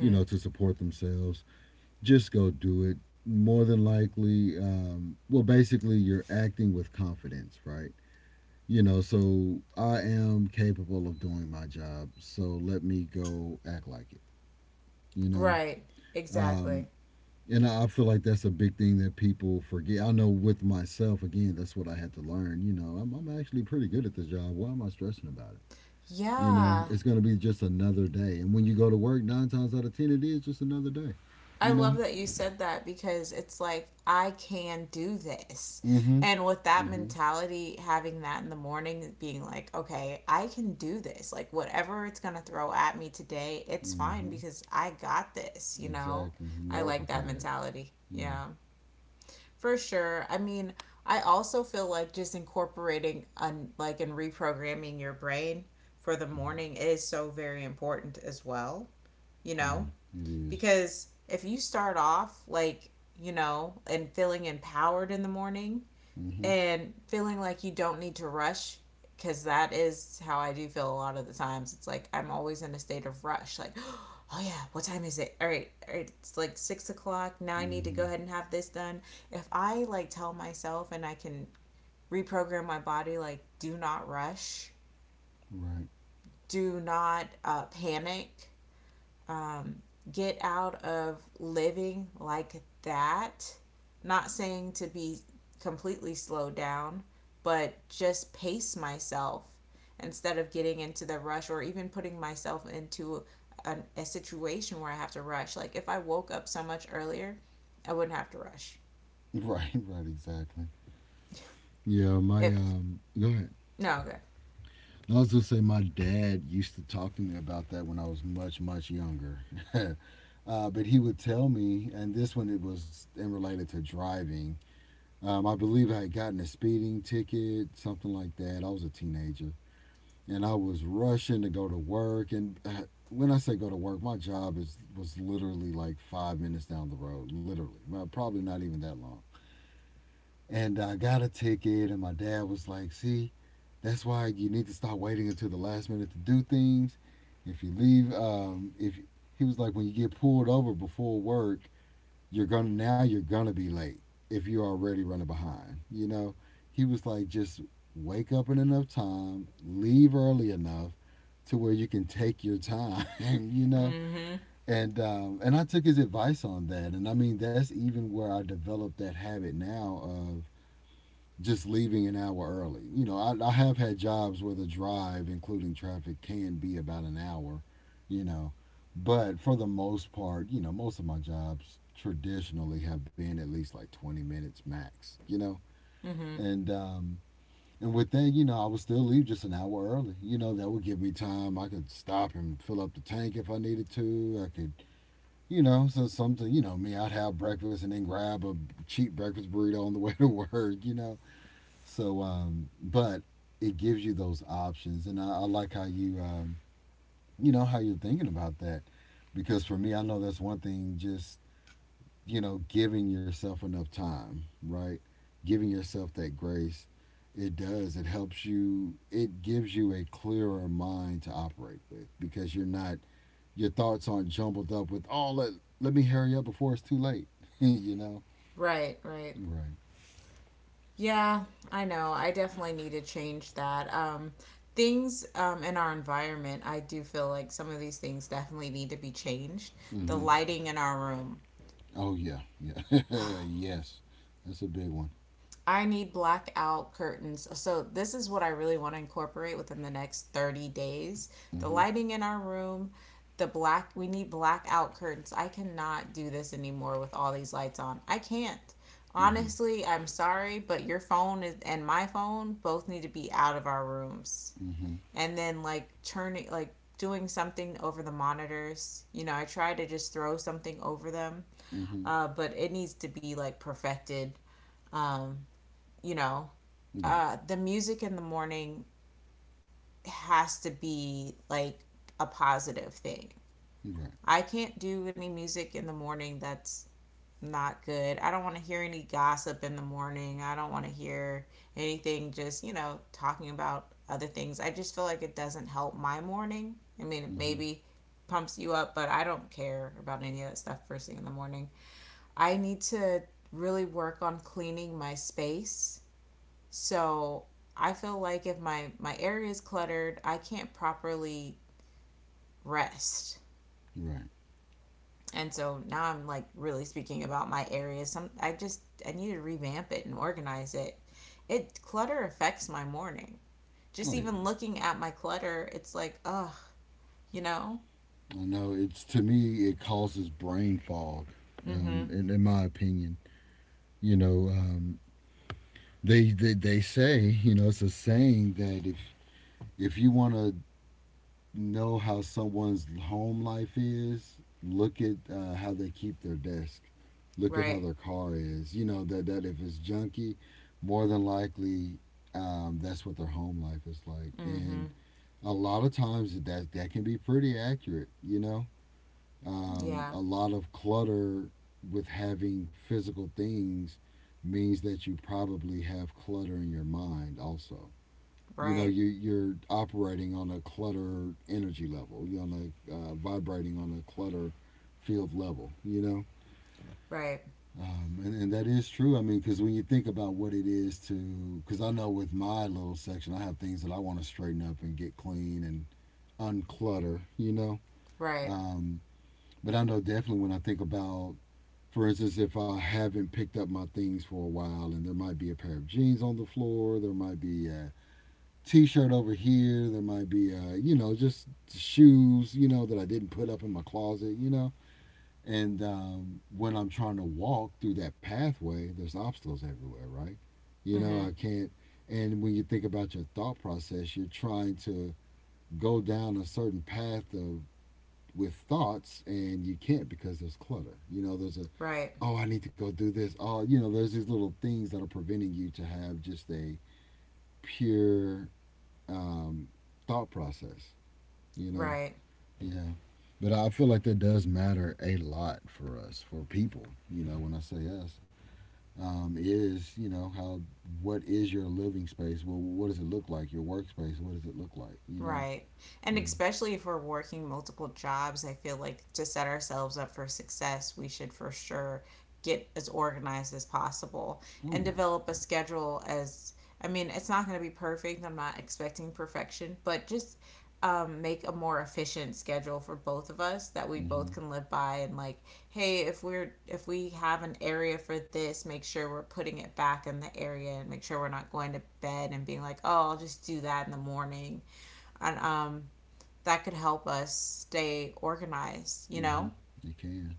S2: you know, to support themselves just go do it. More than likely, well, basically, you're acting with confidence, right? You know, so I am capable of doing my job, so let me go act like it, you know?
S1: Right. Exactly.
S2: Um, and I feel like that's a big thing that people forget. I know with myself, again, that's what I had to learn. You know, I'm actually pretty good at this job. Why am I stressing about it? You know,
S1: Yeah,
S2: it's going to be just another day. And when you go to work, nine times out of 10, it is just another day,
S1: I
S2: you
S1: love
S2: know?
S1: that you said that because it's like, I can do this.
S2: Mm hmm.
S1: And with that
S2: Mm hmm.
S1: mentality, having that in the morning, being like, okay, I can do this. Like, whatever it's going to throw at me today, it's
S2: Mm
S1: fine
S2: hmm.
S1: because I got this, you know?
S2: Exactly. You
S1: I
S2: are
S1: like that
S2: prepared.
S1: mentality.
S2: Yeah.
S1: Yeah, for sure. I mean, I also feel like just incorporating un, like and reprogramming your brain for the
S2: hmm
S1: morning is so very important as well, you know?
S2: Right. It is.
S1: Because if you start off like, you know, and feeling empowered in the morning,
S2: Mhm.
S1: and feeling like you don't need to rush, because that is how I do feel a lot of the times. It's like I'm always in a state of rush. Like, oh yeah, what time is it? All right, it's like 6 o'clock. Now I need to go
S2: Mhm.
S1: ahead and have this done. If I like tell myself and I can reprogram my body, like, do not rush,
S2: Right.
S1: do not panic, um, get out of living like that. Not saying to be completely slowed down, but just pace myself instead of getting into the rush or even putting myself into a situation where I have to rush. Like if I woke up so much earlier, I wouldn't have to rush.
S2: Right. Right. Exactly. Yeah. My
S1: If
S2: um. Go ahead.
S1: no, good.
S2: I was gonna say my dad used to talk to me about that when I was much much younger. But he would tell me, and this one it was and related to driving. I believe I had gotten a speeding ticket, something like that. I was a teenager, and I was rushing to go to work. And when I say go to work, my job is was literally like 5 minutes down the road, literally, well, probably not even that long. And I got a ticket, and my dad was like, "See, that's why you need to stop waiting until the last minute to do things. If you leave, if he was like, when you get pulled over before work, you're gonna now you're gonna be late if you're already running behind. You know, he was like, just wake up in enough time, leave early enough to where you can take your time. You know,
S1: Mm-hmm.
S2: and I took his advice on that, and I mean that's even where I developed that habit now of just leaving an hour early. You know, I have had jobs where the drive, including traffic, can be about an hour, you know. But for the most part, you know, most of my jobs traditionally have been at least like 20 minutes max, you know.
S1: Mm-hmm.
S2: And, um, and with that, you know, I would still leave just an hour early. You know, that would give me time. I could stop and fill up the tank if I needed to. I could, you know, so something, you know, me, I'd have breakfast and then grab a cheap breakfast burrito on the way to work, you know. So, but it gives you those options, and I like how you how you're thinking about that, because for me, I know that's one thing. Just giving yourself enough time, right? Giving yourself that grace, it does. It helps you. It gives you a clearer mind to operate with because you're not, your thoughts aren't jumbled up with, oh, let me hurry up before it's too late. you know,
S1: Right, right.
S2: right?
S1: Yeah, I know. I definitely need to change that. Things in our environment, I do feel like some of these things definitely need to be changed. The
S2: Mm-hmm.
S1: lighting in our room.
S2: Oh yeah, yeah, yes. That's a big one.
S1: I need blackout curtains. So, this is what I really want to incorporate within the next 30 days. The
S2: Mm-hmm.
S1: lighting in our room, the black, we need blackout curtains. I cannot do this anymore with all these lights on. I can't.
S2: Mm-hmm.
S1: Honestly, I'm sorry, but your phone is, and my phone both need to be out of our rooms.
S2: Mm-hmm.
S1: And then like turning like doing something over the monitors. You know, I try to just throw something over them,
S2: Mm-hmm.
S1: but it needs to be like perfected. Um, you know,
S2: Yeah.
S1: the music in the morning has to be like a positive thing.
S2: You're right.
S1: I can't do any music in the morning that's not good. I don't want to hear any gossip in the morning. I don't want to hear anything just, you know, talking about other things. I just feel like it doesn't help my morning. I mean, it
S2: Mm-hmm.
S1: maybe pumps you up, but I don't care about any of that stuff first thing in the morning. I need to really work on cleaning my space. So I feel like if my area is cluttered, I can't properly rest.
S2: You're right.
S1: And so now I'm like really speaking about my area, some, I just, I need to revamp it and organize it. It, clutter affects my morning. Just
S2: Oh yeah.
S1: even looking at my clutter, it's like ugh, you know.
S2: I know. It's to me, it causes brain fog. Um,
S1: Mm-hmm.
S2: in, in my opinion, you know, um, they say, it's a saying that if you want to know how someone's home life is, look at how they keep their desk. Look at how
S1: Right.
S2: their car is. You know that if it's junky, more than likely, that's what their home life is like. And
S1: Mm-hmm.
S2: a lot of times that can be pretty accurate.
S1: Yeah.
S2: A lot of clutter with having physical things means that you probably have clutter in your mind also.
S1: Right.
S2: You're operating on a clutter energy level. You're on a vibrating on a clutter field level you know
S1: Right.
S2: um, and, and that is true. I mean, because when you think about what it is to, because I know with my little section, I have things that I want to straighten up and get clean and unclutter.
S1: Right.
S2: Um, but I know definitely when I think about, for instance, if I haven't picked up my things for a while, and there might be a pair of jeans on the floor, there might be a t shirt over here, there might be, just shoes, that I didn't put up in my closet. And when I'm trying to walk through that pathway, there's obstacles everywhere, right?
S1: Mm-hmm.
S2: I can't. And when you think about your thought process, you're trying to go down a certain path of with thoughts and you can't because there's clutter. You know, there's a,
S1: Right.
S2: oh, I need to go do this. Oh, there's these little things that are preventing you to have just a pure um, thought process. You know,
S1: Right.
S2: yeah. But I feel like that does matter a lot for us, for people. You know, when I say us, is how. What is your living space? Well, what does it look like? Your workspace? What does it look like?
S1: Right. And
S2: Yeah.
S1: especially if we're working multiple jobs, I feel like to set ourselves up for success, we should for sure get as organized as possible
S2: Oh
S1: and
S2: yeah.
S1: develop a schedule as, I mean, it's not going to be perfect. I'm not expecting perfection, but just make a more efficient schedule for both of us that we both
S2: Mhm.
S1: can live by. And like, hey, if we're, if we have an area for this, make sure we're putting it back in the area, and make sure we're not going to bed and being like, oh, I'll just do that in the morning. And that could help us stay organized, you
S2: Mhm.
S1: know?
S2: It can.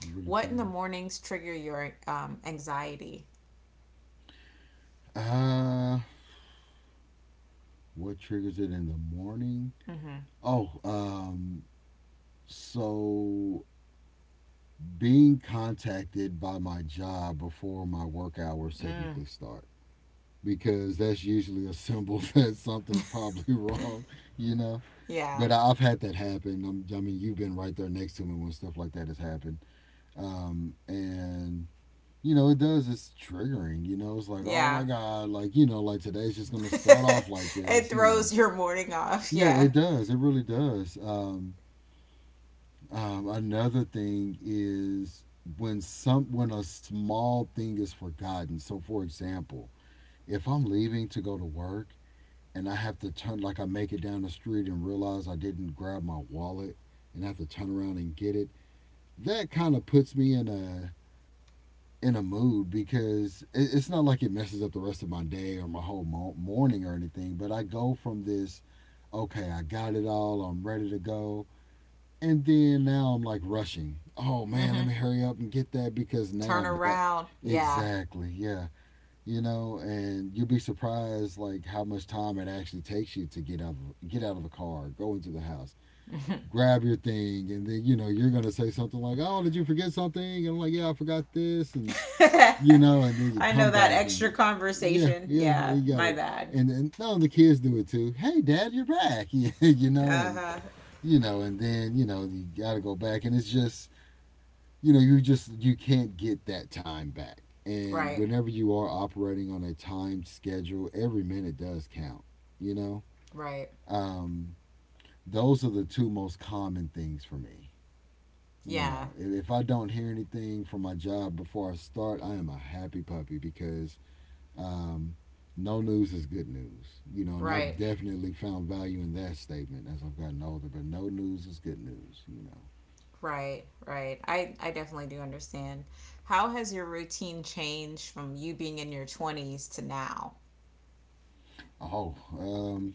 S2: It really
S1: What in the
S2: can.
S1: mornings trigger your anxiety?
S2: Uh, what triggers it in the morning?
S1: Mm-hmm.
S2: Oh, so being contacted by my job before my work hours
S1: Mm.
S2: technically start, because that's usually a symbol that something's probably wrong, you know.
S1: Yeah,
S2: But I- have had that happen. I mean, you've been right there next to me when stuff like that has happened. And it does. It's triggering. It's like, oh
S1: yeah.
S2: my god, like today's just gonna start off like
S1: It
S2: this.
S1: throws your morning off.
S2: Yeah,
S1: Yeah.
S2: it does. It really does. Another thing is when a small thing is forgotten. So, for example, if I'm leaving to go to work and I have to turn, like I make it down the street and realize I didn't grab my wallet and I have to turn around and get it, that kind of puts me in a mood because it's not like it messes up the rest of my day or my whole morning or anything. But I go from this, okay, I got it all, I'm ready to go, and then now I'm like rushing. Oh man,
S1: Mm-hmm.
S2: let me hurry up and get that because now
S1: Turn
S2: I'm that.
S1: around. Yeah.
S2: Exactly. Yeah. And you'll be surprised like how much time it actually takes you to get out of the car, go into the house, grab your thing, and then you're gonna say something like, oh, did you forget something? And I'm like, yeah, I forgot this, and and then you
S1: I know,
S2: come
S1: that
S2: back.
S1: extra
S2: And yeah,
S1: conversation.
S2: yeah,
S1: Yeah,
S2: you
S1: my
S2: gotta.
S1: bad.
S2: And then no, the kids do it too. Hey, Dad, you're back.
S1: Uh huh.
S2: And then you got to go back. And it's just, you can't get that time back. And
S1: Right.
S2: whenever you are operating on a timed schedule, every minute does count, you know?
S1: Right.
S2: Um, those are the two most common things for me. You
S1: Yeah.
S2: know, if, if I don't hear anything from my job before I start, I am a happy puppy because um, no news is good news. And I've
S1: Right.
S2: definitely found value in that statement as I've gotten older, but no news is good news.
S1: Right, right. I definitely do understand. How has your routine changed from you being in your 20s to now?
S2: Oh, um,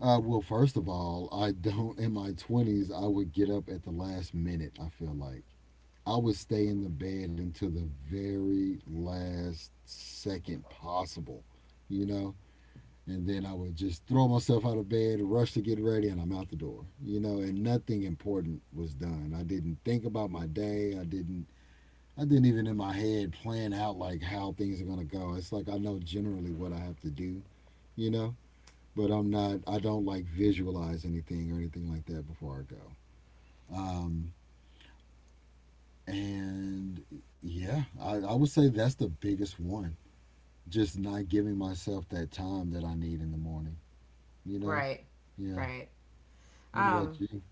S2: uh, well, first of all, I don't, in my 20s, I would get up at the last minute, I feel like. I would stay in the bed until the very last second possible, you know? And then I would just throw myself out of bed, rush to get ready, and I'm out the door, you know? And nothing important was done. I didn't think about my day. I didn't. I didn't even in my head plan out like how things are gonna go. It's like I know generally what I have to do, you know but I'm not. I don't like visualize anything or anything like that before I go. Um, and yeah, I would say that's the biggest one. Just not giving myself that time that I need in the morning. You know?
S1: Right,
S2: Yeah.
S1: right.
S2: What about
S1: Um,
S2: you?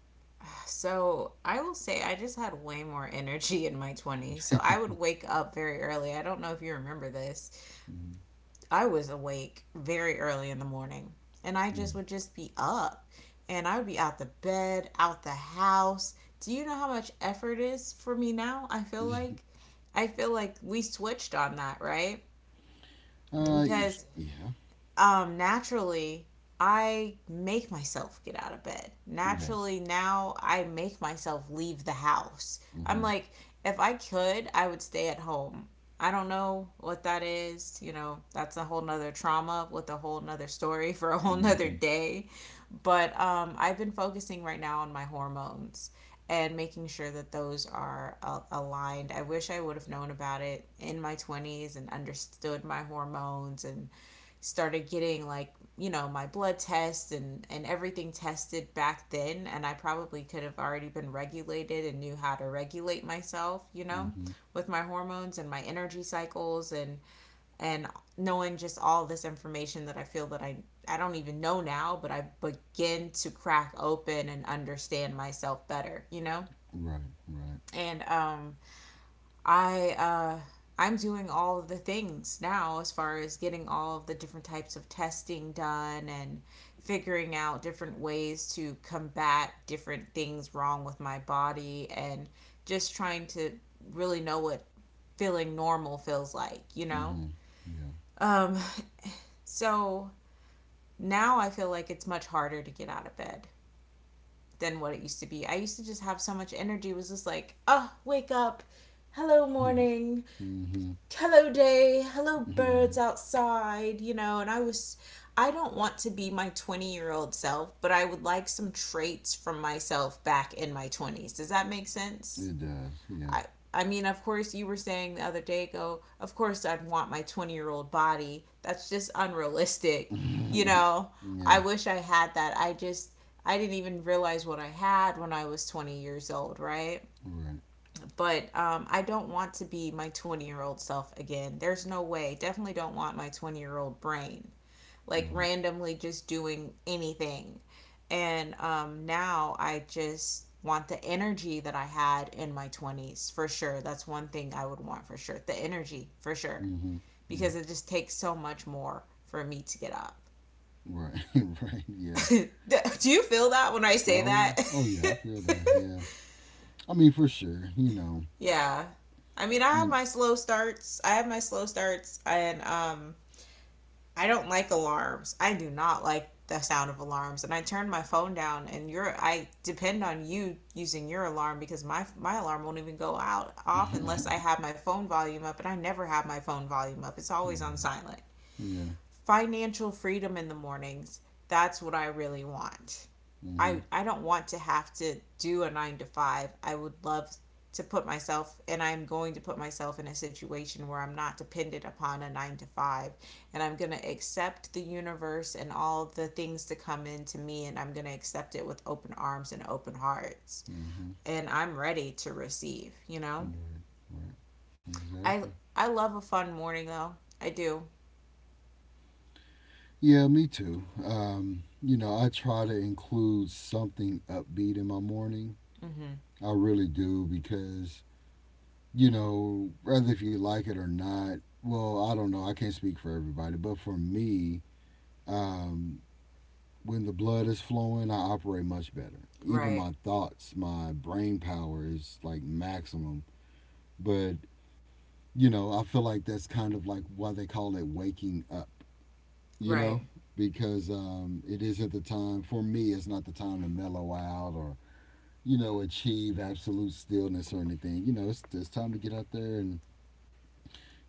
S1: so I will say I just had way more energy in my 20s. So I would wake up very early. I don't know if you remember this,
S2: Hmm.
S1: I was awake very early in the morning and I just
S2: Yeah.
S1: would just be up, and I would be out the bed, out the house. Do you know how much effort is for me now? I feel like, I feel like we switched on that, right?
S2: Uh. y-
S1: Because
S2: Yeah.
S1: naturally, I make myself get out of bed.
S2: Right.
S1: Naturally, now I make myself leave the house. I'm
S2: Mhm.
S1: like, if I could, I would stay at home. I don't know what that is. You know, that's a whole nother trauma with a whole nother story for a whole nother
S2: Mhm.
S1: day. But I've been focusing right now on my hormones and making sure that those are aligned. I wish I would have known about it in my 20s and understood my hormones, and started getting like, you know, my blood tests and everything tested back then, and I probably could have already been regulated and knew how to regulate myself, you know,
S2: Mhm.
S1: with my hormones and my energy cycles and knowing just all this information that I feel that I don't even know now, but I begin to crack open and understand myself better, you know.
S2: Right. Right.
S1: And I I'm doing all of the things now as far as getting all of the different types of testing done, and figuring out different ways to combat different things wrong with my body, and just trying to really know what feeling normal feels like, you know?
S2: Mhm. Yeah.
S1: Um, so now I feel like it's much harder to get out of bed than what it used to be. I used to just have so much energy, it was just like, oh, wake up, hello, morning,
S2: mhm.
S1: hello day, hello
S2: Right.
S1: birds outside, you know, and I was, I don't want to be my 20-year-old self, but I would like some traits from myself back in my 20s. Does that make sense?
S2: It does. Yeah.
S1: I I mean, of course, you were saying the other day go, of course, I'd want my 20-year-old body. That's just unrealistic. You know, I
S2: yeah.
S1: wish I had that. I just, I didn't even realize what I had when I was 20 years old, right?
S2: Right.
S1: But I don't want to be my 20-year-old self again. There's no way. Definitely don't want my 20-year-old brain, like
S2: Right.
S1: randomly just doing anything. And now I just want the energy that I had in my 20s for sure. That's one thing I would want for sure. The energy for sure,
S2: Mm-hmm. Yeah.
S1: because it just takes so much more for me to get up.
S2: Right. right. Yeah.
S1: Do you feel that when I say
S2: Oh.
S1: that?
S2: Oh. Yeah. I feel that. Yeah. I mean, for sure. You know.
S1: Yeah. I mean, I have
S2: You.
S1: my slow starts. I have my slow starts, and I don't like alarms. I do not like the sound of alarms, and I turn my phone down, and you are, I depend on you using your alarm because my alarm won't even go out off unless I have my phone volume up, and I never have my phone volume up. It's always on
S2: Yeah.
S1: silent.
S2: Yeah.
S1: Financial freedom in the mornings. That's what I really want.
S2: Mm-hmm.
S1: I don't want to have to do a 9 to 5. I would love to put myself, and I'm going to put myself in a situation where I'm not dependent upon a 9 to 5, and I'm going to accept the universe and all the things to come into me, and I'm going to accept it with open arms and open hearts,
S2: Mm-hmm.
S1: and I'm ready to receive, you know?
S2: Right. Right. Exactly.
S1: I I love a fun morning though. I do.
S2: Yeah. Me too. I try to include something upbeat in my morning.
S1: Mhm.
S2: I really do because whether if you like it or not. Well, I don't know. I can't speak for everybody, but for me, um, when the blood is flowing, I operate much better. Even
S1: Right.
S2: my thoughts, my brain power is like maximum. But, I feel like that's kind of like why they call it waking up, you know?
S1: Right.
S2: Because it isn't the time, for me, it's not the time to mellow out or, achieve absolute stillness or anything. It's time to get out there and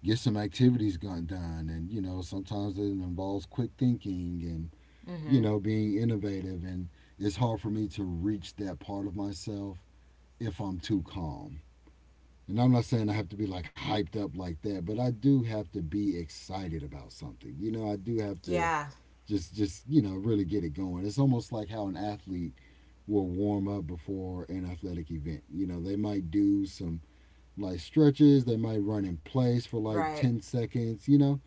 S2: get some activities gone done. And sometimes it involves quick thinking and,
S1: Mhm.
S2: being innovative. And it's hard for me to reach that part of myself if I'm too calm. And I'm not saying I have to be like hyped up like that, but I do have to be excited about something. You know, I do have to
S1: Yeah.
S2: just really get it going. It's almost like how an athlete will warm up before an athletic event. You know, they might do some like stretches, they might run in place for like
S1: Right.
S2: 10 seconds,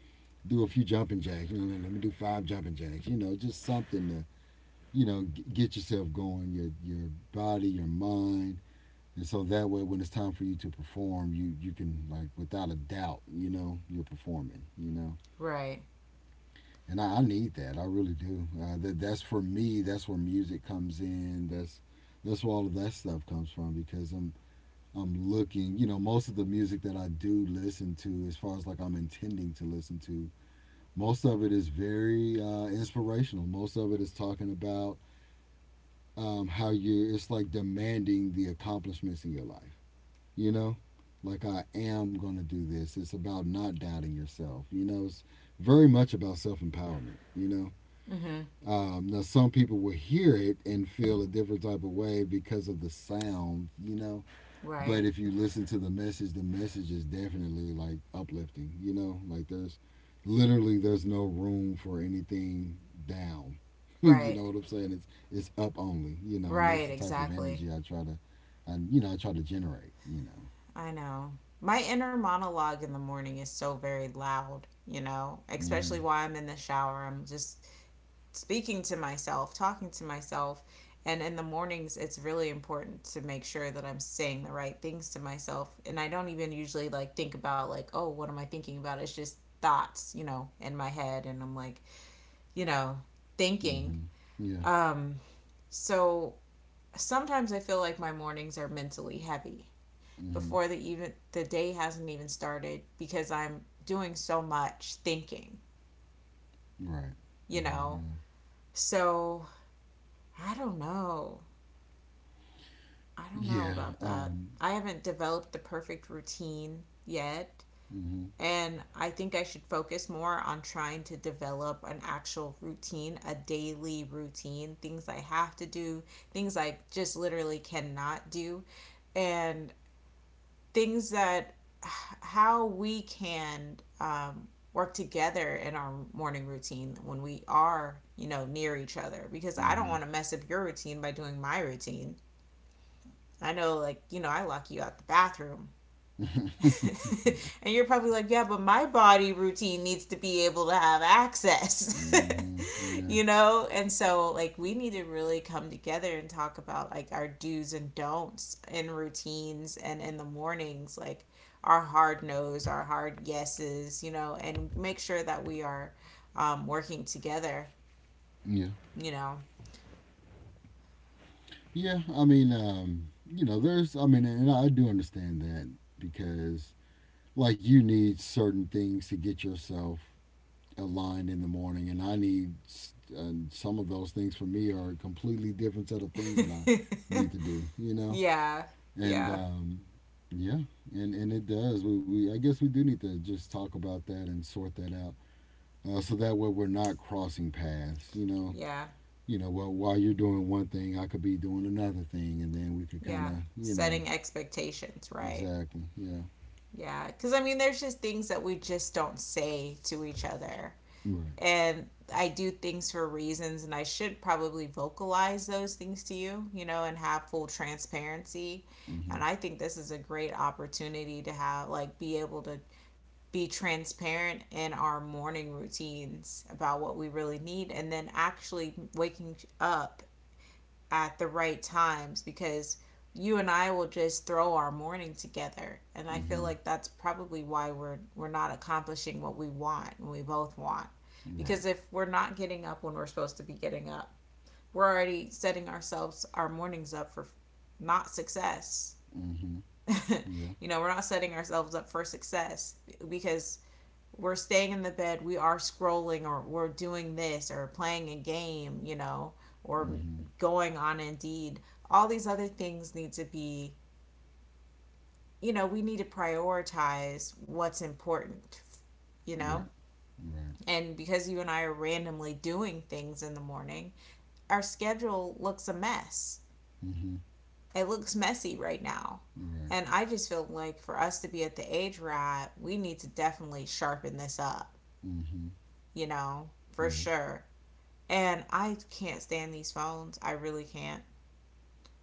S2: do a few jumping jacks. You know, let me do five jumping jacks, just something to you know, get yourself going, your body, your mind, and so that way, when it's time for you to perform, you can like without a doubt, you're performing.
S1: Right.
S2: And I need that, I really do. That's for me. That's where music comes in. That's where all of that stuff comes from because I'm looking. You know, most of the music that I do listen to, as far as like I'm intending to listen to, most of it is very inspirational. Most of it is talking about how you're it's like demanding the accomplishments in your life you know like, I am going to do this. It's about not doubting yourself. It's very much about self-empowerment you know
S1: Mm-hmm.
S2: um, Now some people will hear it and feel a different type of way because of the sound.
S1: Right.
S2: But if you listen to the message is definitely like uplifting. You know, like there's literally, there's no room for anything down. You know
S1: Right.
S2: what I'm saying? It's up only. And that's
S1: Right.
S2: the type of
S1: Exactly.
S2: energy I try to generate.
S1: I know. My inner monologue in the morning is so very loud, you know, especially
S2: Mhm.
S1: while I'm in the shower. I'm just speaking to myself, talking to myself. And in the mornings, it's really important to make sure that I'm saying the right things to myself. And I don't even usually like think about, like, oh, what am I thinking about? It's just thoughts, you know, in my head. And I'm like, you know, thinking.
S2: Mhm. Yeah.
S1: Um, so sometimes I feel like my mornings are mentally heavy
S2: Mhm.
S1: before the even the day hasn't even started because I'm doing so much thinking,
S2: Right.
S1: you know.
S2: Right.
S1: So I don't know. I don't know
S2: Yeah.
S1: about
S2: Yeah.
S1: that.
S2: Um.
S1: I haven't developed the perfect routine yet.
S2: Mhm.
S1: And I think I should focus more on trying to develop an actual routine, a daily routine, things I have to do, things I just literally cannot do, and things that how we can work together in our morning routine when we are near each other, because I don't
S2: Mhm.
S1: want to mess up your routine by doing my routine. I know, like, I lock you out the bathroom,
S2: Yeah.
S1: and you're probably like, yeah, but my body routine needs to be able to have access.
S2: Mhm. Yeah.
S1: You know? And so, like, we need to really come together and talk about, like, our do's and don'ts in routines and in the mornings, like our hard no's, our hard yeses, you know, and make sure that we are working together,
S2: Yeah.
S1: you know?
S2: Yeah, I mean, I mean, and I do understand that because, like, you need certain things to get yourself aligned in the morning, and and some of those things for me are a completely different set of things that I need to do, you know,
S1: Yeah,
S2: and
S1: yeah,
S2: yeah, and it does. We I guess we do need to just talk about that and sort that out, so that way we're not crossing paths.
S1: yeah,
S2: Well, while you're doing one thing, I could be doing another thing, and then we could kind
S1: yeah.
S2: of.
S1: Setting expectations, right?
S2: Exactly. Yeah.
S1: Yeah, because I mean, there's just things that we just don't say to each other.
S2: Right.
S1: And I do things for reasons, and I should probably vocalize those things to you, you know, and have full transparency. And
S2: Mhm.
S1: I think this is a great opportunity to have, like, be able to be transparent in our morning routines about what we really need. And then actually waking up at the right times, because you and I will just throw our morning together. And I feel
S2: Mhm.
S1: like that's probably why we're not accomplishing what we want and we both want.
S2: Right.
S1: Because if we're not getting up when we're supposed to be getting up, we're already setting ourselves, our mornings up for not success.
S2: Mhm. Yeah.
S1: You know, we're not setting ourselves up for success, because we're staying in the bed, we are scrolling, or we're doing this, or playing a game, you know, or
S2: Mhm.
S1: going on Indeed. All these other things need to be, you know, we need to prioritize what's important, you know?
S2: Right. Right.
S1: And because you and I are randomly doing things in the morning, our schedule looks a mess.
S2: Mhm.
S1: It looks messy right now.
S2: Right.
S1: And I just feel like for us to be at the age we're at, we need to definitely sharpen this up,
S2: Mhm.
S1: you know, for
S2: Yeah.
S1: sure. And I can't stand these phones. I really can't.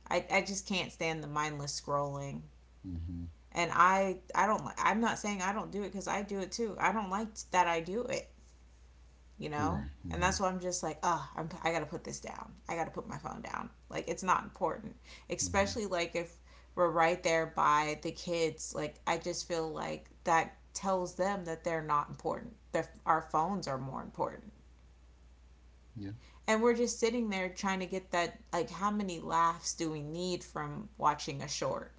S1: I just can't stand the mindless scrolling.
S2: Mhm.
S1: And I'm not saying I don't do it, cuz I do it too. I don't like that I do it, you
S2: Right.
S1: know? And
S2: Right.
S1: that's why I'm just like, "Oh, I'm, I got to put this down. I got to put my phone down." Like, it's not important.
S2: Mhm.
S1: Especially like if we're right there by the kids, like I just feel like that tells them that they're not important. Their, our phones are more important.
S2: Yeah.
S1: And we're just sitting there trying to get that, like, how many laughs do we need from watching a short.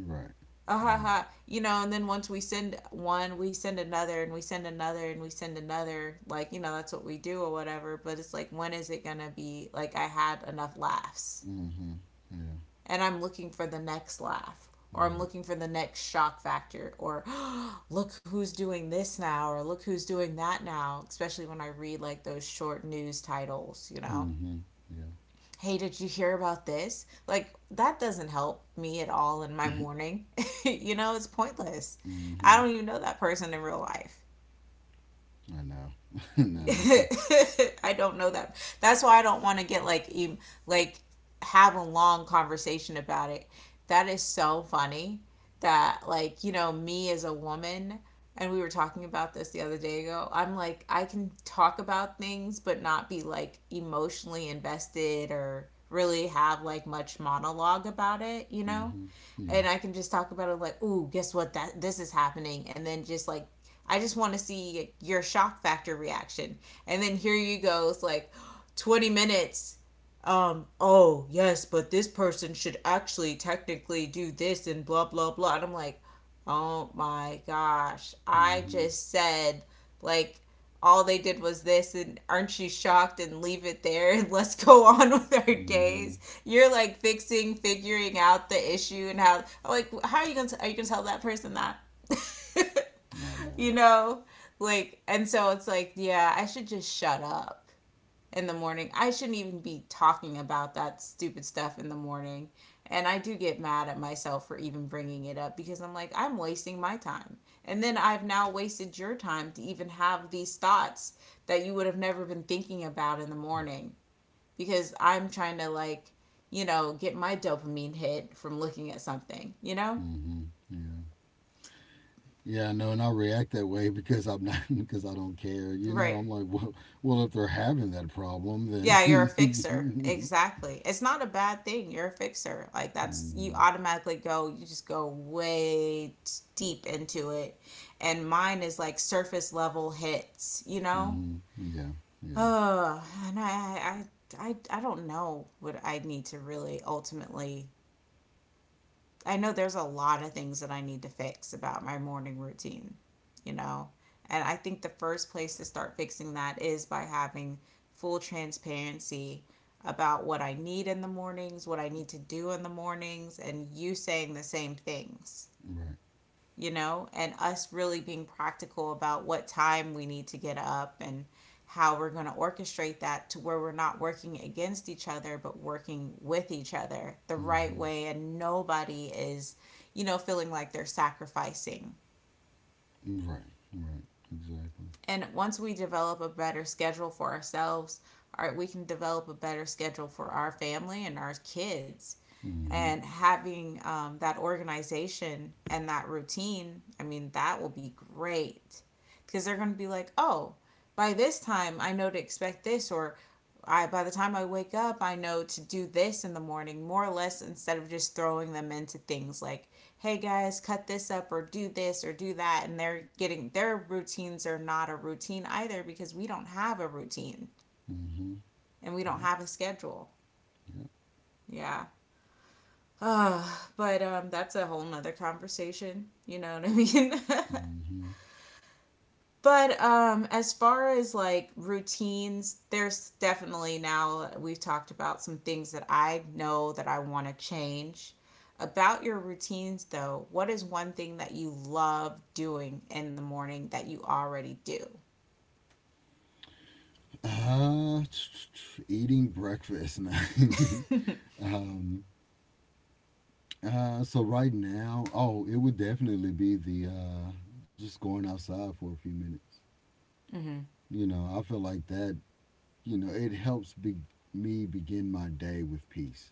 S2: Right.
S1: Ah, ha,
S2: Right.
S1: ha. You know, and then once we send one, we send another, and we send another, and we send another, like, you know, that's what we do or whatever, but it's like, when is it gonna be like I had enough laughs
S2: Mhm. Yeah.
S1: and I'm looking for the next laugh, or I'm
S2: Right.
S1: looking for the next shock factor, or oh, look who's doing this now, or look who's doing that now, especially when I read like those short news titles, you know,
S2: Mhm. Yeah.
S1: hey, did you hear about this? Like, that doesn't help me at all in my morning. You know, it's pointless. I don't
S2: Mhm.
S1: even know that person in real life.
S2: I know. I know.
S1: I don't know that. That's why I don't want to get like em- like have a long conversation about it. That is so funny that, like, you know, me as a woman, and we were talking about this the other day ago, I'm like, I can talk about things but not be like emotionally invested or really have like much monologue about it, you know?
S2: Mhm.
S1: And
S2: Yeah.
S1: I can just talk about it like, ooh, guess what? That this is happening, and then just like, I just want to see your shock factor reaction, and then here you go, it's like 20 minutes. Oh yes, but this person should actually technically do this and blah blah blah. And I'm like, oh my gosh, I
S2: Mhm.
S1: just said, like, all they did was this, and aren't you shocked, and leave it there, and let's go on with our days.
S2: Mhm.
S1: You're like fixing, figuring out the issue, and how, like, how are you gonna, are you gonna tell that person that?
S2: I
S1: You
S2: know.
S1: know, like, and so it's like, yeah, I should just shut up in the morning. I shouldn't even be talking about that stupid stuff in the morning. And I do get mad at myself for even bringing it up, because I'm like, I'm wasting my time. And then I've now wasted your time to even have these thoughts that you would have never been thinking about in the morning, because I'm trying to, like, you know, get my dopamine hit from looking at something, you know?
S2: Hmm. Yeah. Yeah, I know, and I react that way because I'm not because I don't care. You know,
S1: Right.
S2: I'm like, well, if they're having that problem,
S1: Yeah, you're a fixer.
S2: then.
S1: Exactly. It's not a bad thing. You're a fixer. Like, that's, you
S2: Hmm.
S1: automatically go, you just go way t- deep into it. And mine is like surface level hits, you know?
S2: Hmm. Yeah. Yeah.
S1: Oh, and I don't know what I need to really ultimately. I know there's a lot of things that I need to fix about my morning routine, you know? And I think the first place to start fixing that is by having full transparency about what I need in the mornings, what I need to do in the mornings, and you saying the same things,
S2: Right.
S1: you know, and us really being practical about what time we need to get up and how we're going to orchestrate that to where we're not working against each other, but working with each other the right
S2: Hmm.
S1: way. And nobody is, you know, feeling like they're sacrificing.
S2: Right. Right. Exactly.
S1: And once we develop a better schedule for ourselves, our, we can develop a better schedule for our family and our kids.
S2: Hmm.
S1: And having that organization and that routine, I mean, that will be great, because they're going to be like, oh, by this time I know to expect this, or I, by the time I wake up, I know to do this in the morning more or less, instead of just throwing them into things like, hey guys, cut this up, or do this, or do that, and they're getting, their routines are not a routine either, because we don't have a routine
S2: Hmm.
S1: and we don't
S2: Yep.
S1: have a schedule.
S2: Yep.
S1: Yeah. Uh, but that's a whole nother conversation. You know what I mean?
S2: Hmm.
S1: But as far as like routines, there's definitely, now we've talked about some things that I know that I want to change. About your routines, though, what is one thing that you love doing in the morning that you already do?
S2: Uh, Eating breakfast now. um. So right now, oh, it would definitely be the just going outside for a few minutes.
S1: Mm-hmm.
S2: You know, I feel like that, it helps me begin my day with peace.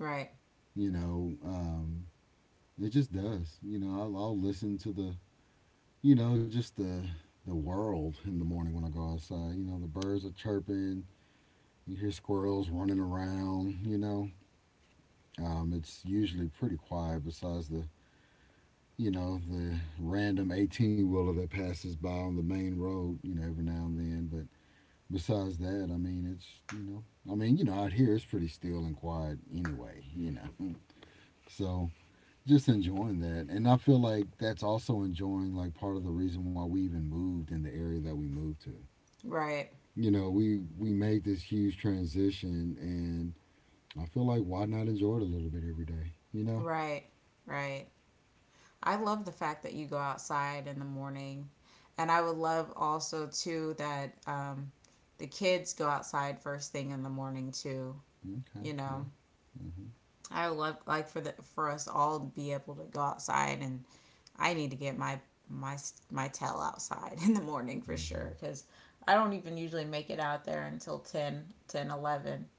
S1: Right,
S2: You know, it just does. You know, I'll listen to just the world in the morning when I go outside. You know, the birds are chirping. You hear squirrels running around. You know, it's usually pretty quiet besides the random 18-wheeler wheeler that passes by on the main road. You know, every now and then. But besides that, I mean, it's I mean, out here it's pretty still and quiet anyway. So just enjoying that, and I feel like that's also enjoying like part of the reason why we even moved in the area that we moved to.
S1: right,
S2: You know, we made this huge transition, and I feel like why not enjoy it a little bit every day, you know?
S1: right, right. I love the fact that you go outside in the morning. And I would love also, too, that the kids go outside first thing in the morning, too,
S2: Okay,
S1: you
S2: yeah.
S1: know?
S2: Mhm.
S1: I would love like for the for us all to be able to go outside, and I need to get my my tail outside in the morning for
S2: Mhm.
S1: sure, because I don't even usually make it out there until 10, 10, 11,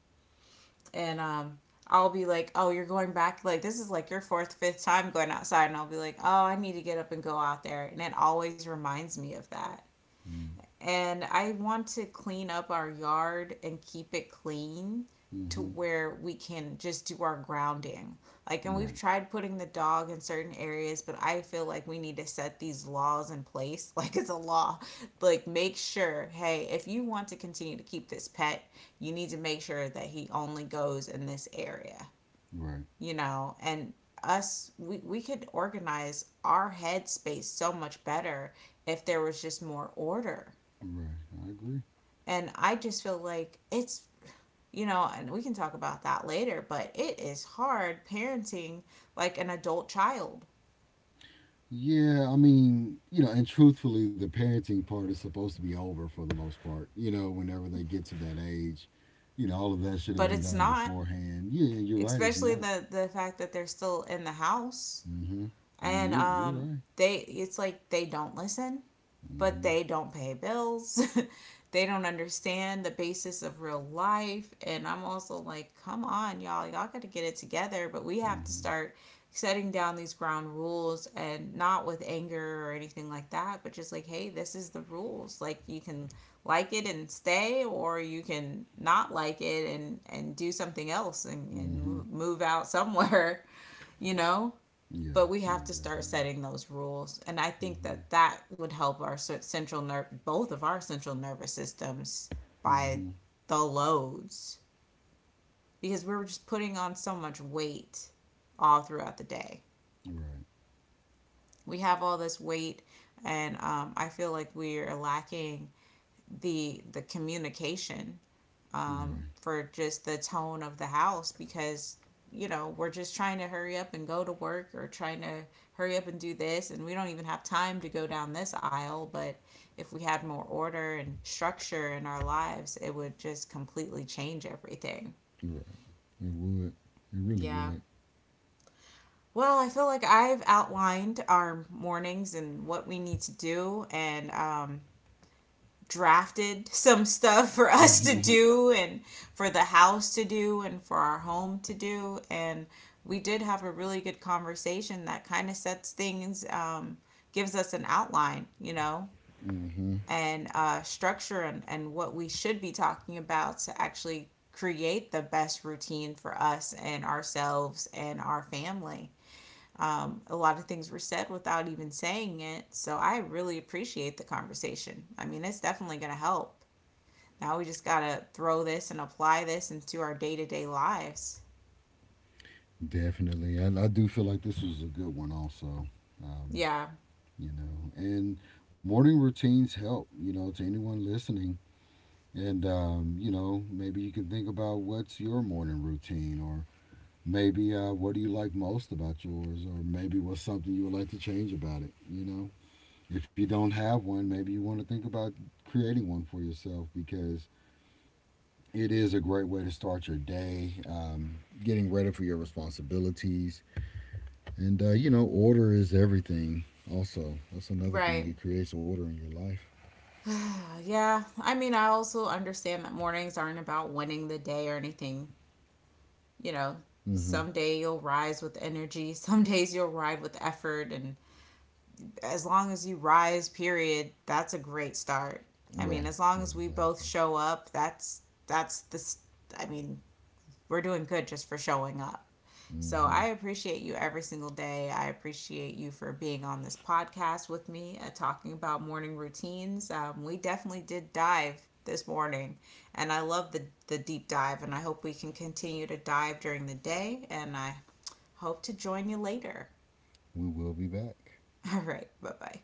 S1: and I'll be like, oh, you're going back. Like, this is like your fourth, fifth time going outside. And I'll be like, oh, I need to get up and go out there. And it always reminds me of that,
S2: Mm.
S1: and I want to clean up our yard and keep it clean to
S2: Mhm.
S1: where we can just do our grounding. Like, and we've
S2: Right.
S1: tried putting the dog in certain areas, but I feel like we need to set these laws in place. Like, it's a law. Like, make sure, hey, if you want to continue to keep this pet, you need to make sure that he only goes in this area,
S2: Right.
S1: you know? And us, we could organize our headspace so much better if there was just more order.
S2: Right. I agree.
S1: And I just feel like it's, you know, and we can talk about that later, but it is hard parenting like an adult child,
S2: Yeah, I mean, you know, and truthfully, the parenting part is supposed to be over for the most part. Whenever they get to that age, all of that should have
S1: but
S2: been
S1: it's
S2: done
S1: not,
S2: beforehand. Yeah, you're right. It's
S1: especially
S2: not.
S1: the fact that they're still in the house,
S2: Mm-hmm. I mean,
S1: and
S2: you're
S1: um,
S2: right.
S1: they, it's like they don't listen, but
S2: Mm-hmm.
S1: they don't pay bills. They don't understand the basis of real life. And I'm also like, come on, y'all, y'all got to get it together. But we have to
S2: Mm-hmm.
S1: start setting down these ground rules, and not with anger or anything like that, but just like, hey, this is the rules. Like, you can like it and stay, or you can not like it, and do something else, and
S2: Mm-hmm.
S1: move out somewhere, you know?
S2: Yeah.
S1: But we have
S2: Yeah.
S1: to start
S2: Definitely.
S1: setting those rules, and I think
S2: Mm-hmm.
S1: that that would help our central nerve, both of our central nervous systems, by
S2: Mm-hmm.
S1: the loads, because we are just putting on so much weight all throughout the day.
S2: Right.
S1: We have all this weight, and I feel like we're lacking the communication,
S2: Right.
S1: for just the tone of the house, because, you know, we're just trying to hurry up and go to work, or trying to hurry up and do this, and we don't even have time to go down this aisle, but if we had more order and structure in our lives, it would just completely change everything.
S2: Right. It would. It really
S1: Yeah.
S2: would.
S1: Well, I feel like I've outlined our mornings and what we need to do, and drafted some stuff for us to
S2: Mm-hmm.
S1: do, and for the house to do, and for our home to do. And we did have a really good conversation that kind of sets things, gives us an outline, you know,
S2: Mm-hmm.
S1: and structure, and what we should be talking about to actually create the best routine for us, and ourselves, and our family. A lot of things were said without even saying it. So I really appreciate the conversation. I mean, it's definitely going to help. Now we just got to throw this and apply this into our day to day lives.
S2: Definitely. I do feel like this was a good one. Also. Um,
S1: Yeah,
S2: and morning routines help to anyone listening, and maybe you can think about what's your morning routine, or maybe what do you like most about yours, or maybe what's something you would like to change about it. If you don't have one, maybe you want to think about creating one for yourself, because it is a great way to start your day. Getting ready for your responsibilities. And order is everything. Also, that's another thing,
S1: right.
S2: it creates order in your life.
S1: Yeah, I mean, I also understand that mornings aren't about winning the day or anything. You know,
S2: Mm-hmm.
S1: someday you'll rise with energy, some days you'll ride with effort. And as long as you rise, period, that's a great start. I mean,
S2: Right.
S1: as long
S2: Right.
S1: as we both
S2: Exactly.
S1: show up, that's the, I mean, we're doing good just for showing up. So
S2: Mm-hmm.
S1: I appreciate you every single day. I appreciate you for being on this podcast with me, talking about morning routines. We definitely did dive this morning, and I love the deep dive. And I hope we can continue to dive during the day. And I hope to join you later.
S2: We will be back.
S1: All right, bye bye.